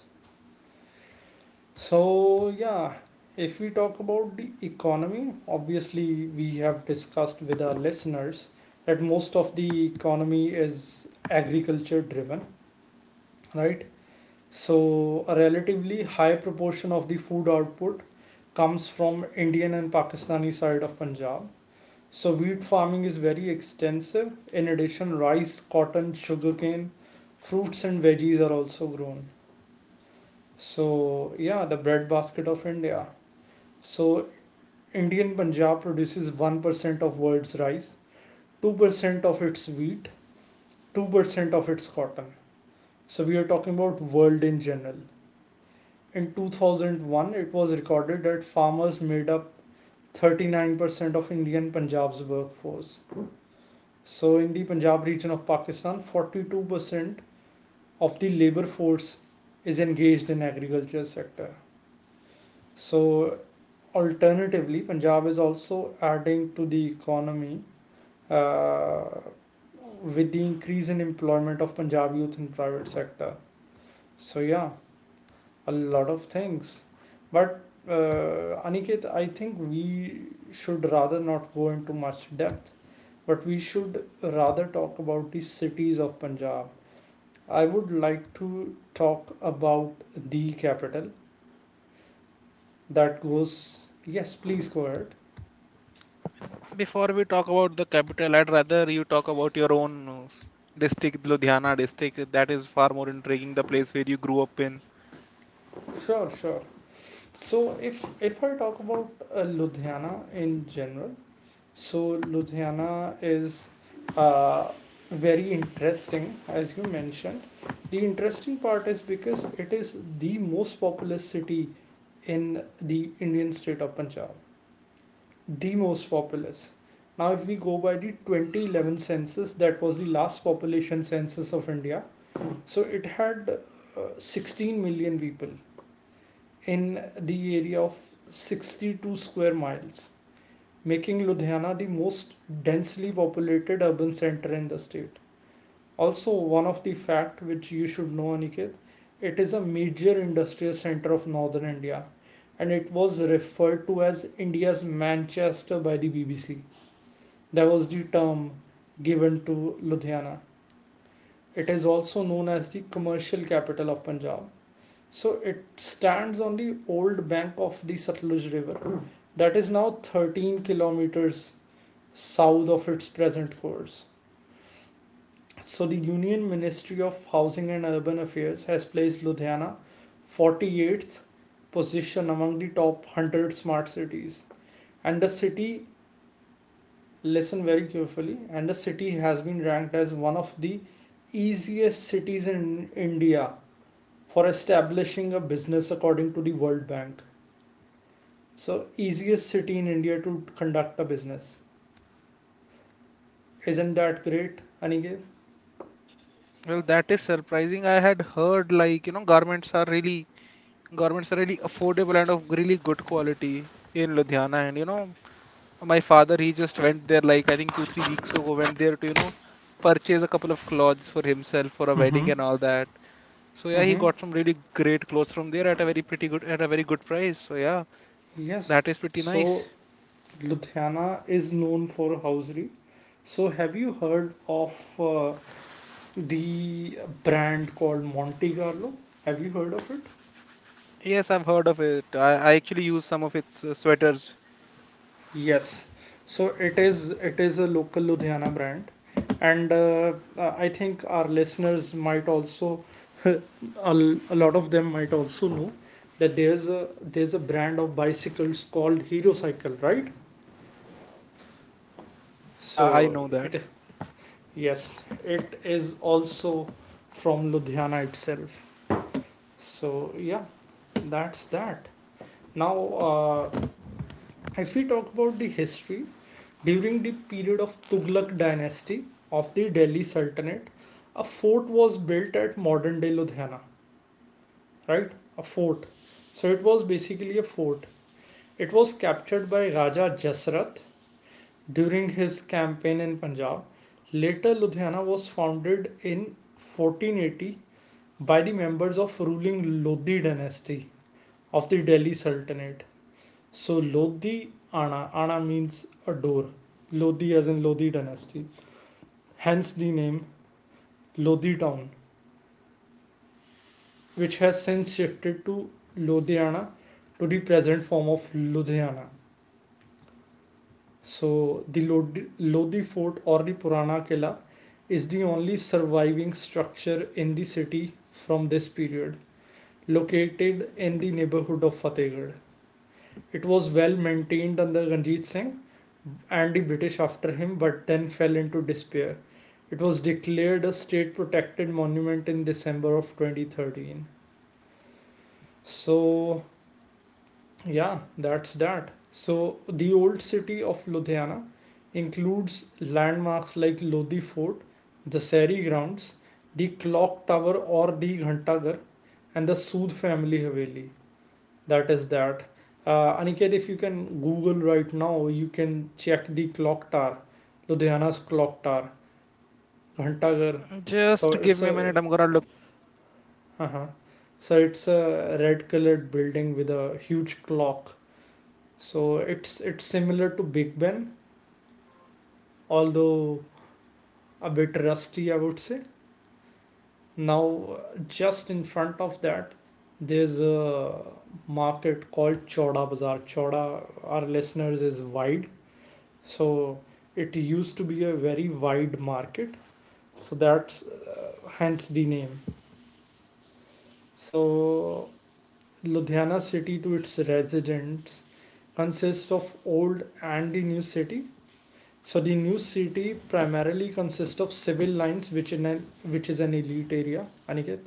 So yeah, if we talk about the economy, obviously we have discussed with our listeners that most of the economy is agriculture driven, right? So a relatively high proportion of the food output comes from Indian and Pakistani side of Punjab. So wheat farming is very extensive. In addition, rice, cotton, sugarcane, fruits, and veggies are also grown. So, yeah, the breadbasket of India. So, Indian Punjab produces 1% of world's rice, 2% of its wheat, 2% of its cotton. So, we are talking about world in general. In 2001, it was recorded that farmers made up 39% of Indian Punjab's workforce. So, in the Punjab region of Pakistan, 42% of the labor force is engaged in agriculture sector. So, alternatively, Punjab is also adding to the economy uh, with the increase in employment of Punjab youth in private sector. So yeah, a lot of things. But Aniket, I think we should rather not go into much depth, but we should rather talk about the cities of Punjab. I would like to talk about the capital that goes. Yes, please go ahead. Before we talk about the capital, I'd rather you talk about your own district, Ludhiana district. That is far more intriguing. The place where you grew up in. Sure, sure. So if I talk about Ludhiana in general, so Ludhiana is uh, very interesting as you mentioned. The interesting part is because it is the most populous city in the Indian state of Punjab, the most populous. Now, if we go by the 2011 census, that was the last population census of India. So it had 16 million people in the area of 62 square miles, making Ludhiana the most densely populated urban center in the state. Also, one of the fact which you should know, Aniket, it is a major industrial center of northern India, and it was referred to as India's Manchester by the BBC. That was the term given to Ludhiana. It is also known as the commercial capital of Punjab. So it stands on the old bank of the Satluj River that is now 13 kilometers south of its present course. So, the Union Ministry of Housing and Urban Affairs has placed Ludhiana 48th position among the top 100 smart cities. And the city, listen very carefully, and the city has been ranked as one of the easiest cities in India for establishing a business according to the World Bank. So, easiest city in India to conduct a business. Isn't that great, Aniket? Well, that is surprising. I had heard, like, you know, garments are really affordable and of really good quality in Ludhiana. And my father, he just went there like I think 2, 3 weeks ago, went there to purchase a couple of clothes for himself for a wedding Mm-hmm. and all that. So yeah, he Mm-hmm. got some really great clothes from there at a very good price. So yeah, Yes. that is pretty So nice. Ludhiana is known for housery. So have you heard of uh, the brand called Monte Carlo? Have you heard of it? Yes, I've heard of it. I actually use S- some of its sweaters. Yes. So it is a local Ludhiana brand, and I think our listeners might also a, a lot of them might also know that there's a brand of bicycles called Hero Cycle, right? Yeah, I So know that. it. Yes, it is also from Ludhiana itself. So, yeah, that's that. Now, uh, if we talk about the history, during the period of Tughlaq dynasty of the Delhi Sultanate, a fort was built at modern day Ludhiana, right? A fort. So, it was basically a fort. It was captured by Raja Jasrath during his campaign in Punjab. Later, Ludhiana was founded in 1480 by the members of ruling Lodhi dynasty of the Delhi Sultanate. So Lodhi Ana, Ana means a door. Lodhi as in Lodhi dynasty. Hence the name Lodhi town, which has since shifted to Lodhiana to the present form of Ludhiana. So the Lodhi fort or the Purana Killa is the only surviving structure in the city from this period, located in the neighborhood of Fatehgarh. It was well maintained under Ranjit Singh and the British after him, but then fell into despair. It was declared a state protected monument in December of 2013. So, yeah, that's that. So, the old city of Ludhiana includes landmarks like Lodhi Fort, the Seri Grounds, the Clock Tower or the Ghantaghar, and the Sood family Haveli. That is that. Aniket, if you can google right now, you can check the clock tower, Ludhiana's clock tower, Ghantaghar. Just So give it's me a a. minute. I'm gonna look. Uh-huh. So it's a red colored building with a huge clock. So it's similar to Big Ben, although a bit rusty, I would say. Now uh, just in front of that, there's a market called Choda Bazaar. Choda, our listeners, is wide. So it used to be a very wide market. So that's hence the name. So Ludhiana city, to its residents, consists of old and the new city. So the new city primarily consists of civil lines, which is an elite area, Aniket.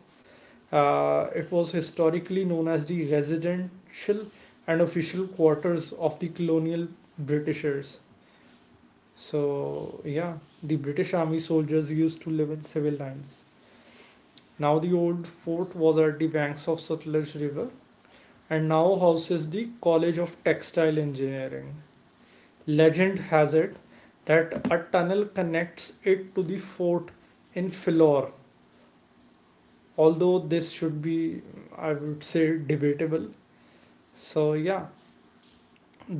It was historically known as the residential and official quarters of the colonial britishers. So, yeah, the British Army soldiers used to live in civil lines. Now, the old fort was at the banks of Sutlej River and now houses the College of Textile Engineering. Legend has it that a tunnel connects it to the fort in Philor, although this should be, I would say, debatable. So, yeah,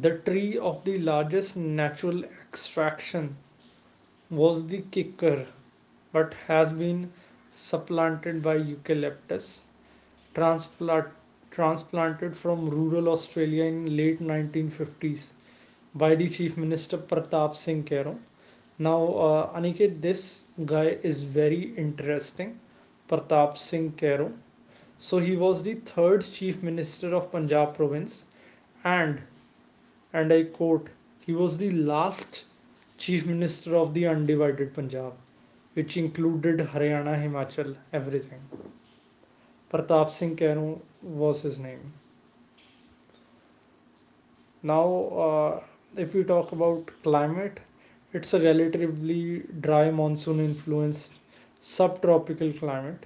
the tree of the largest natural extraction was the kicker, but has been supplanted by eucalyptus, transplant, transplanted from rural Australia in late 1950s by the Chief Minister Pratap Singh Kero. Now, Aniket, this guy is very interesting, Pratap Singh Kero. So he was the third Chief Minister of Punjab province, and I quote, he was the last Chief Minister of the undivided Punjab, which included Haryana, Himachal, everything. Pratap Singh Kanu was his name. Now, uh, if we talk about climate, it's a relatively dry monsoon influenced subtropical climate.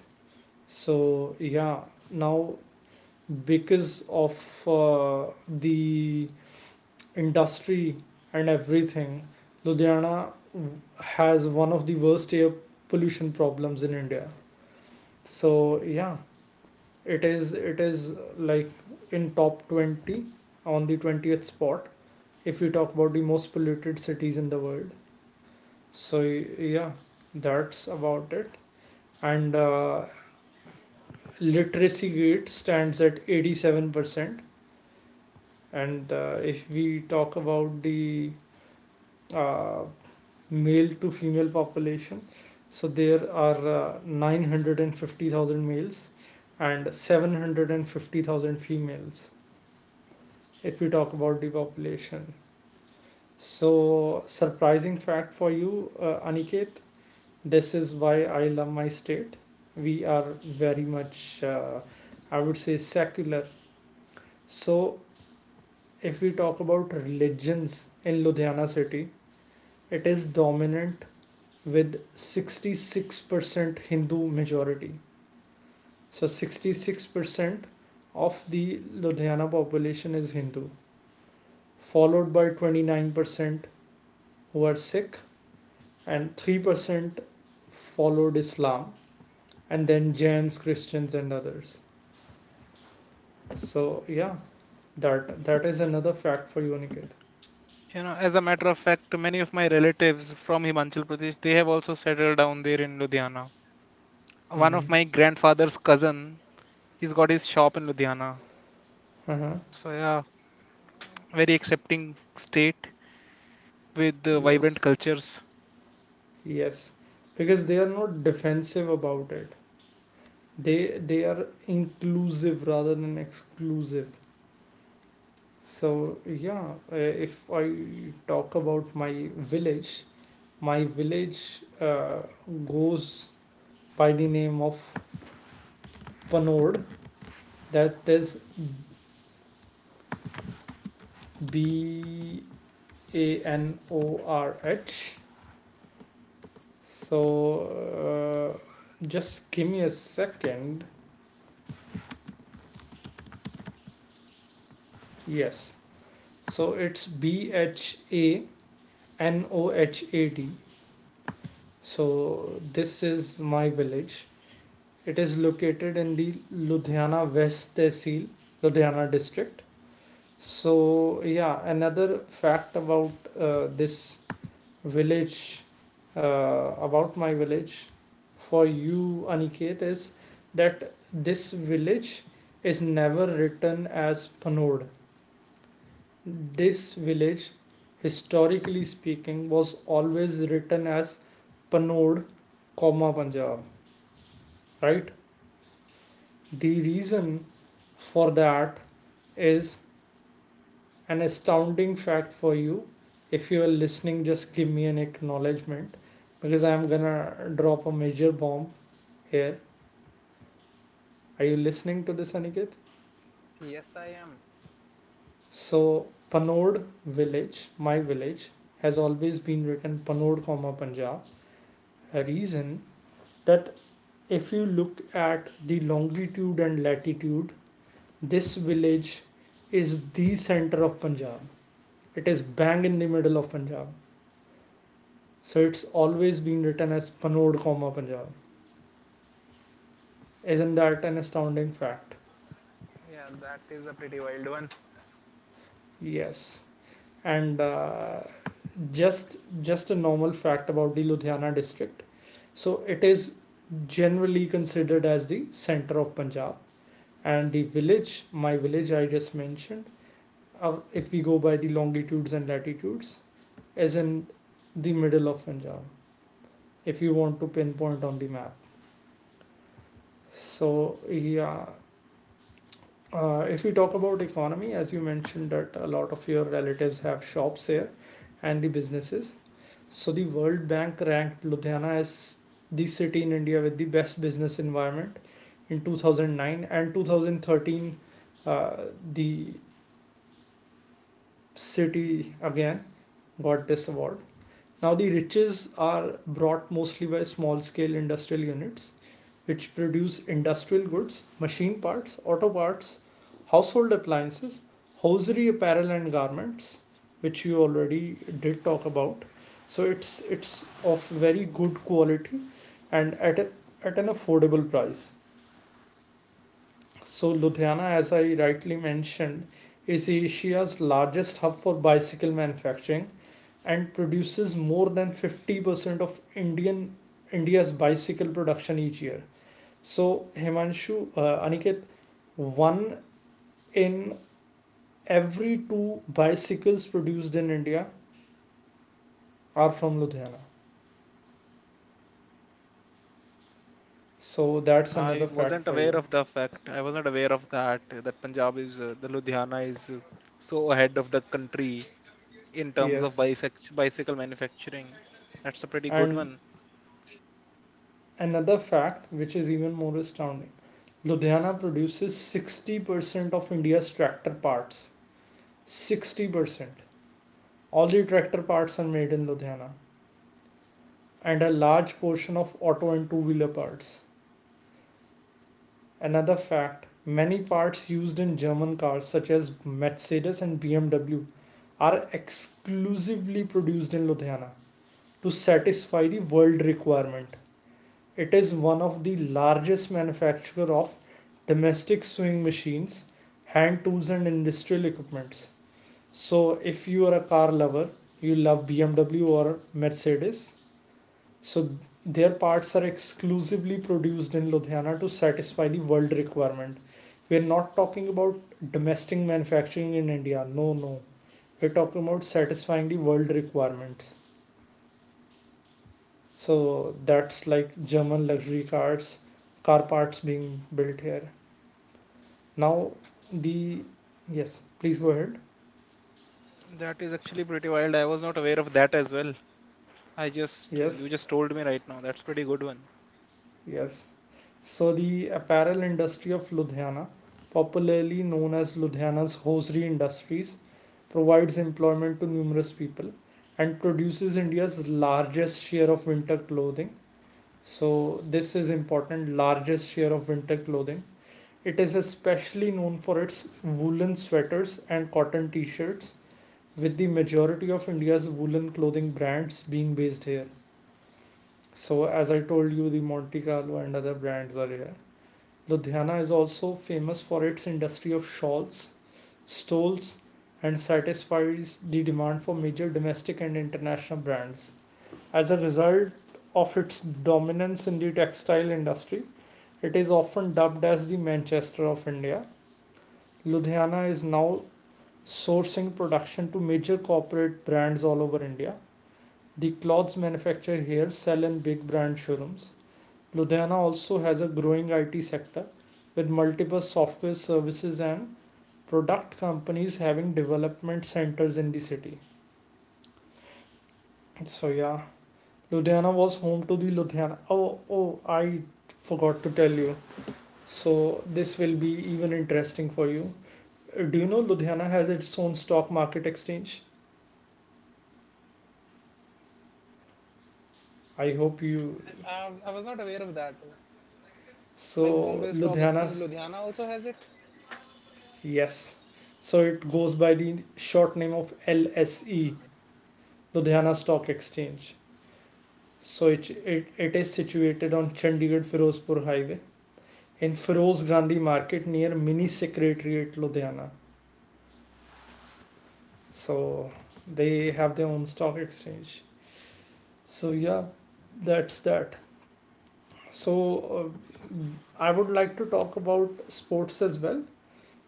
So, yeah, now because of the industry and everything, Ludhiana has one of the worst air pollution problems in India. So, yeah, it is like in top 20, on the 20th spot, if we talk about the most polluted cities in the world. So yeah, that's about it. And literacy rate stands at 87%. And if we talk about the uh, male to female population, so there are 950,000 males and 750,000 females, if we talk about the population. So, surprising fact for you, Aniket, this is why I love my state. We are very much, I would say, secular. So, if we talk about religions in Ludhiana city, it is dominant with 66% Hindu majority. So, 66% of the Ludhiana population is Hindu, followed by 29% who are Sikh and 3% followed Islam, and then Jains, Christians, and others. So, yeah, that that is another fact for you, Niket. You know, as a matter of fact, many of my relatives from Himachal Pradesh, they have also settled down there in Ludhiana. One Mm-hmm. of my grandfather's cousin, he's got his shop in Ludhiana. Uh-huh. So yeah, very accepting state with vibrant Yes, cultures. yes, because they are not defensive about it. They they are inclusive rather than exclusive. So yeah, if I talk about village, my village goes by the name of Panod. That is Banorh. So just give me a second. Yes. So it's Bhanohad. So this is my village. It is located in the Ludhiana West Tehsil, Ludhiana district. So yeah, another fact about this village, about my village for you, Aniket, is that this village is never written as Panod. This village, historically speaking, was always written as Panod, comma Punjab, right? The reason for that is an astounding fact for you. If you are listening, just give me an acknowledgement because I'm gonna drop a major bomb here. Are you listening to this, Aniket? Yes, I am. So, Panod village, my village, has always been written Panod, comma Punjab. A reason that if you look at the longitude and latitude, this village is the center of Punjab. It is bang in the middle of Punjab. So it's always been written as Panod, comma Punjab. Isn't that an astounding fact? Yeah, that is a pretty wild one. Yes. And just just a normal fact about the Ludhiana district. So it is generally considered as the center of Punjab and the village, my village I just mentioned, if we go by the longitudes and latitudes, is in the middle of Punjab. If you want to pinpoint on the map, so yeah. If we talk about economy, as you mentioned that a lot of your relatives have shops here and the businesses. So the World Bank ranked Ludhiana as the city in India with the best business environment in 2009 and 2013, uh, the city again got this award. Now the riches are brought mostly by small scale industrial units which produce industrial goods, machine parts, auto parts, household appliances, hosiery apparel and garments, which you already did talk about. So it's of very good quality and at an affordable price. So Ludhiana, as I rightly mentioned, is Asia's largest hub for bicycle manufacturing and produces more than 50% of Indian India's bicycle production each year. So, Himanshu, Aniket, one in every two bicycles produced in India are from Ludhiana. So, that's I another fact wasn't for aware you. of the fact. I wasn't aware of that. That the Ludhiana is so ahead of the country in terms of Yes. Bicycle manufacturing. That's a pretty good And one. another fact, which is even more astounding, Ludhiana produces 60% of India's tractor parts. 60%. All the tractor parts are made in Ludhiana, and a large portion of auto and two wheeler parts. Another fact, many parts used in German cars, such as Mercedes and BMW, are exclusively produced in Ludhiana to satisfy the world requirement. It is one of the largest manufacturer of domestic sewing machines, hand tools and industrial equipments. So if you are a car lover, you love BMW or Mercedes, so their parts are exclusively produced in Ludhiana to satisfy the world requirement. We're not talking about domestic manufacturing in India. No, no. We're talking about satisfying the world requirements. So that's like German luxury cars, car parts being built here. Now, the. Yes, please go ahead. That is actually pretty wild. I was not aware of that as well. I just You Yes, just told me right now. That's pretty good one. yes. So the apparel industry of Ludhiana, popularly known as Ludhiana's hosiery industries, provides employment to numerous people and produces India's largest share of winter clothing. So, this is important, largest share of winter clothing. It is especially known for its woolen sweaters and cotton t shirts, with the majority of India's woolen clothing brands being based here. So, as I told you, the Monte Carlo and other brands are here. Ludhiana is also famous for its industry of shawls, stalls and satisfies the demand for major domestic and international brands. As a result of its dominance in the textile industry, it is often dubbed as the Manchester of India. Ludhiana is now sourcing production to major corporate brands all over India. The clothes manufactured here sell in big brand showrooms. Ludhiana also has a growing IT sector with multiple software services and product companies having development centers in the city. So yeah, Ludhiana was home to the Ludhiana. Oh oh, I forgot to tell you. So this will be even interesting for you. Do you know Ludhiana has its own stock market exchange? I hope you. I was not aware of that. Like So Bombay Stock Exchange, Ludhiana's Ludhiana also has it. yes. So it goes by the short name of LSE, Ludhiana Stock Exchange. So it is situated on Chandigarh Firozpur Highway in Feroz Gandhi Market near Mini Secretariat, Ludhiana. So they have their own stock exchange. So yeah, that's that. So uh, I would like to talk about sports as well.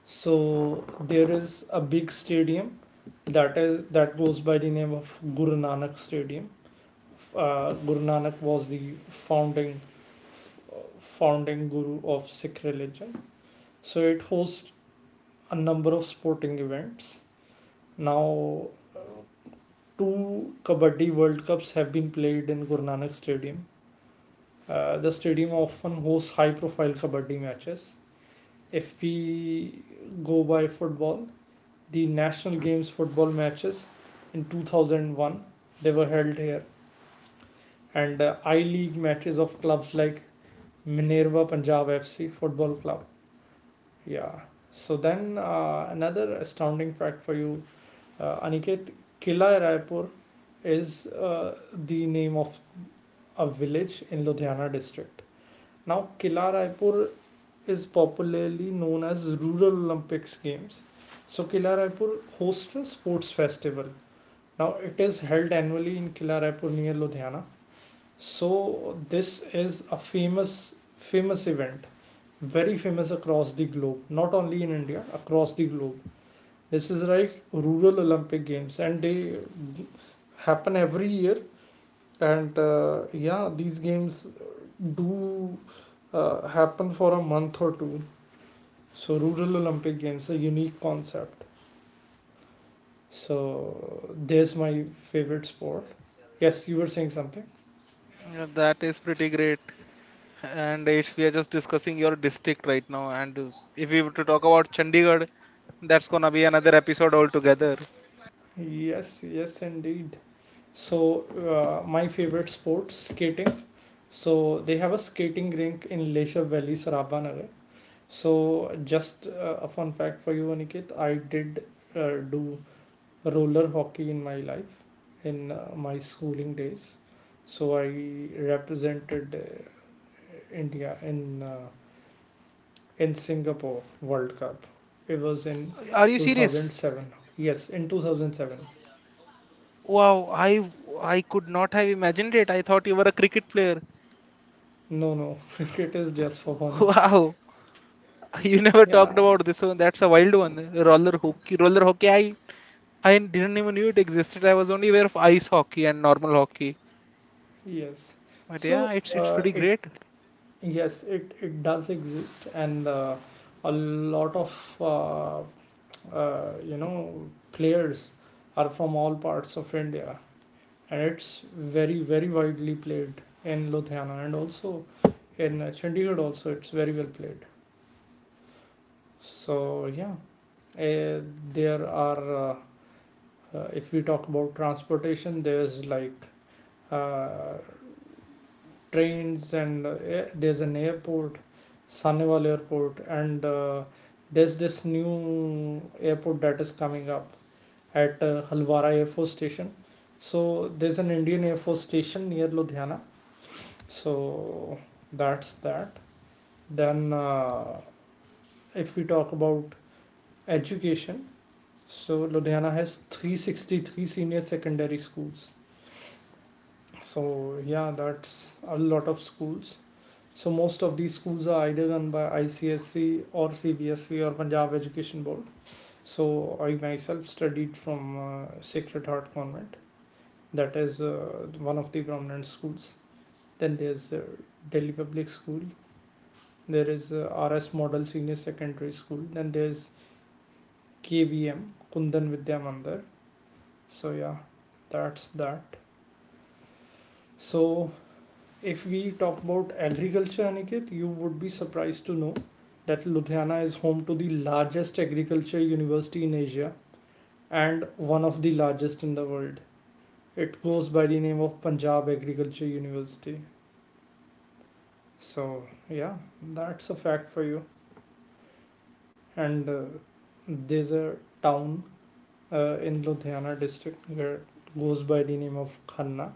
So there is a big stadium that is that goes by the name of Guru Nanak Stadium. Guru Nanak was the founding guru of Sikh religion. So it hosts a number of sporting events. Now, uh, two Kabaddi World Cups have been played in Guru Nanak Stadium. The stadium often hosts high profile Kabaddi matches. If we go by football, the National Games football matches in 2001, they were held here, and I League matches of clubs like Minerva Punjab FC Football Club. Yeah. So then another astounding fact for you, Aniket, Kila Raipur is the name of a village in Ludhiana district. Now, Kila Raipur is popularly known as Rural Olympics Games. So, Kila Raipur hosts a sports festival. Now, it is held annually in Kila Raipur near Ludhiana. So, this is a famous, famous event, very famous across the globe, not only in India, across the globe. This is like rural Olympic Games, and they happen every year. And yeah, these games do happen for a month or two. So, rural Olympic Games, a unique concept. So, there's my favorite sport. Yes, you were saying something. Yeah, that is pretty great. And it's we are just discussing your district right now. And if we were to talk about Chandigarh, that's gonna be another episode altogether. Yes, yes, indeed. So, my favorite sport, skating. So, they have a skating rink in Lesha Valley, Sarabanagar. So, just a fun fact for you, Aniket. I did do roller hockey in my life, in my schooling days. So I represented India in Singapore World Cup. It was in Are you serious? 2007. Yes, in 2007. Wow, I could not have imagined it. I thought you were a cricket player. No, no, cricket is just for fun. Wow, you never talked Yeah, about this one. That's a wild one. Roller hockey, roller hockey. I didn't even knew it existed. I was only aware of ice hockey and normal hockey. yes. But yeah, So it's pretty it great. yes, it does exist, and a lot of players are from all parts of India, and it's very very widely played in Ludhiana and also in Chandigarh. Also, it's very well played. So yeah, uh, there are if we talk about transportation, there's like uh, trains and there's an airport, Saneval Airport, and there's this new airport that is coming up at Halwara Air Force Station. So there's an Indian Air Force Station near Ludhiana. So that's that. Then if we talk about education, so Ludhiana has 363 senior secondary schools. So yeah, that's a lot of schools. So most of these schools are either run by ICSC or CBSC or Punjab Education Board. So I myself studied from Sacred Heart Convent. That is one of the prominent schools. Then there's Delhi Public School. There is RS Model Senior Secondary School. Then there's KVM, Kundan Vidya Mandir. So yeah, that's that. So if we talk about agriculture, Aniket, you would be surprised to know that Ludhiana is home to the largest agriculture university in Asia and one of the largest in the world. It goes by the name of Punjab Agriculture University. So yeah, that's a fact for you. And there's a town in Ludhiana district where goes by the name of Khanna.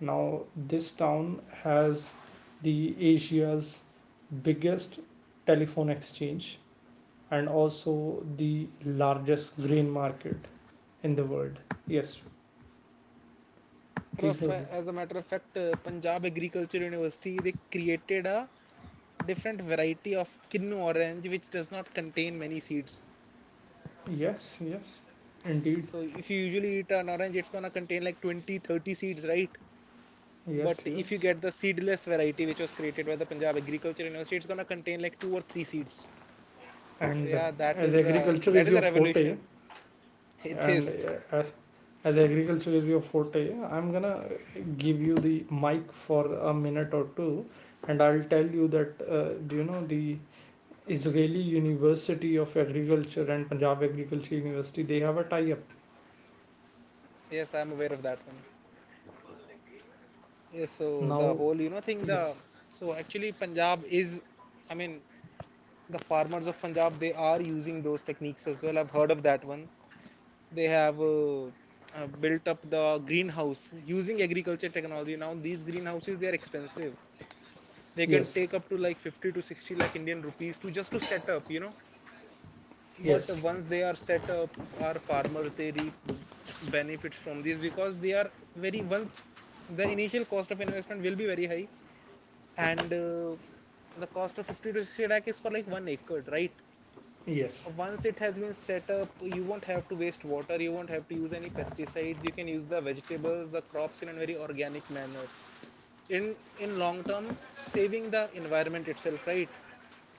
Now this town has the Asia's biggest telephone exchange and also the largest grain market in the world. Yes, please go ahead. As a matter of fact, Punjab Agriculture University, they created a different variety of kinnu orange which does not contain many seeds. Yes, yes, indeed. So if you usually eat an orange, it's gonna contain like 20, 30 seeds, right? But Yes, if you yes. get the seedless variety which was created by the Punjab Agriculture University, it's gonna contain like two or three seeds. So And yeah, as agriculture that is is a your revolution. forte, It and is. uh, as as agriculture is your forte, I'm gonna give you the mic for a minute or two, and I'll tell you that do you know the Israeli University of Agriculture and Punjab Agriculture University, they have a tie up Yes, I'm aware of that one. Yes, so the now. whole thing, the Yes, so actually Punjab is I mean, the farmers of Punjab, they are using those techniques as well. I've heard of that one. They have built up the greenhouse using agriculture technology. Now these greenhouses, they are expensive. They can yes, take up to like 50 to 60 lakh Indian rupees to just to set up, you know. But yes, once they are set up, our farmers, they reap benefits from this because they are very once the initial cost of investment will be very high, and the cost of 50 to 60 lakh is for like 1 acre, right. yes. Once it has been set up, you won't have to waste water, you won't have to use any pesticides, you can use the crops in a very organic manner, in long term, saving the environment itself, right.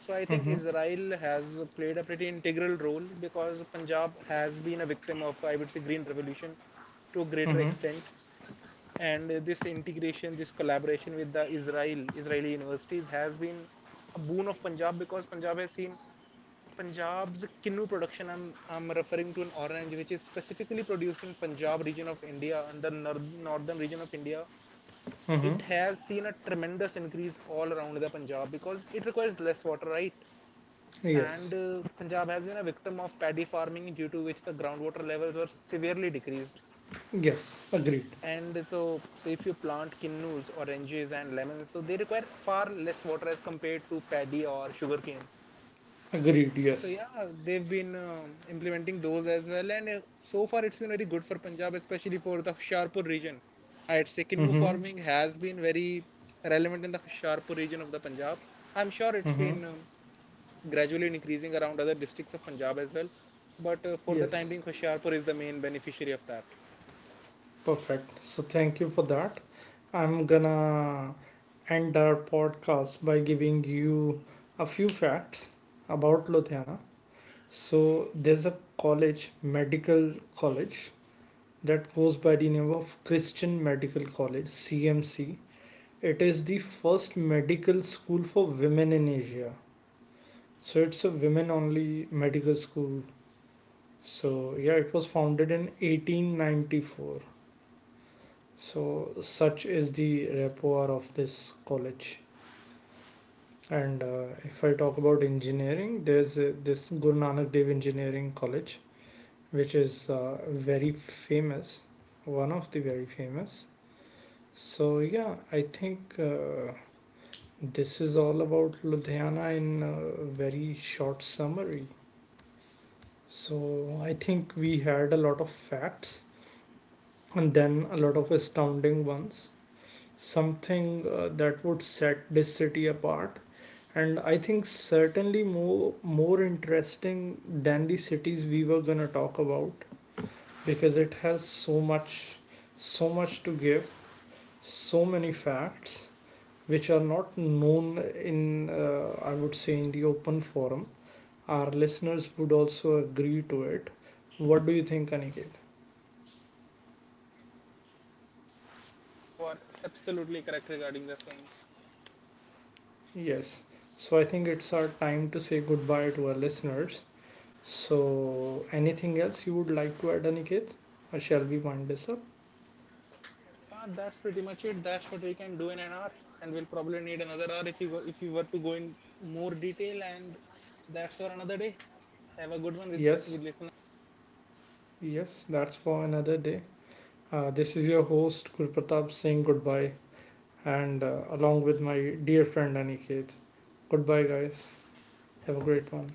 So I think Mm-hmm. Israel has played a pretty integral role because Punjab has been a victim of, I would say, green revolution to a greater Mm-hmm. extent, and this integration this collaboration with the Israeli universities has been a boon of Punjab, because punjab has seen Punjab's kinnu production, I'm referring to an orange which is specifically produced in Punjab region of India and the northern region of India. Mm-hmm. It has seen a tremendous increase all around the Punjab because it requires less water, right. And Yes, Punjab has been a victim of paddy farming due to which the groundwater levels were severely decreased. yes, agreed, And so if you plant kinnus, oranges, and lemons, so they require far less water as compared to paddy or sugarcane. agreed, So yes. yeah, they've been implementing those as well, and so far it's been very good for Punjab, especially for the Hoshiarpur region. I'd say kinnu Mm-hmm. farming has been very relevant in the Hoshiarpur region of the Punjab. I'm sure it's Mm-hmm. been gradually increasing around other districts of Punjab as well, but for the time Yes, being, Hoshiarpur is the main beneficiary of that. perfect. So thank you for that. I'm gonna end our podcast by giving you a few facts about Ludhiana. So there's a college, medical college, that goes by the name of Christian Medical College, CMC. It is the first medical school for women in Asia. So it's a women only medical school. So yeah, it was founded in 1894. So, such is the rapport of this college. And if I talk about engineering, there's this Guru Nanak Dev Engineering College, which is very famous, one of the very famous. So, yeah, I think this is all about Ludhiana in a very short summary. So, I think we had a lot of facts and then a lot of astounding ones, something that would set this city apart, and I think certainly more interesting than the cities we were going to talk about, because it has so much, so much to give, so many facts which are not known in I would say in the open forum. Our listeners would also agree to it. What do you think, Aniket? You are absolutely correct regarding the same. Yes, so I think it's our time to say goodbye to our listeners. So, anything else you would like to add, Aniket? Or shall we wind this up? That's pretty much it. That's what we can do in an hour, and we'll probably need another hour if you were to go in more detail. And that's for another day. Have a good one with Yes, with listeners. yes, that's for another day. This is your host, Gurpratap, saying goodbye, and along with my dear friend Aniket. Goodbye, guys. Have a great one.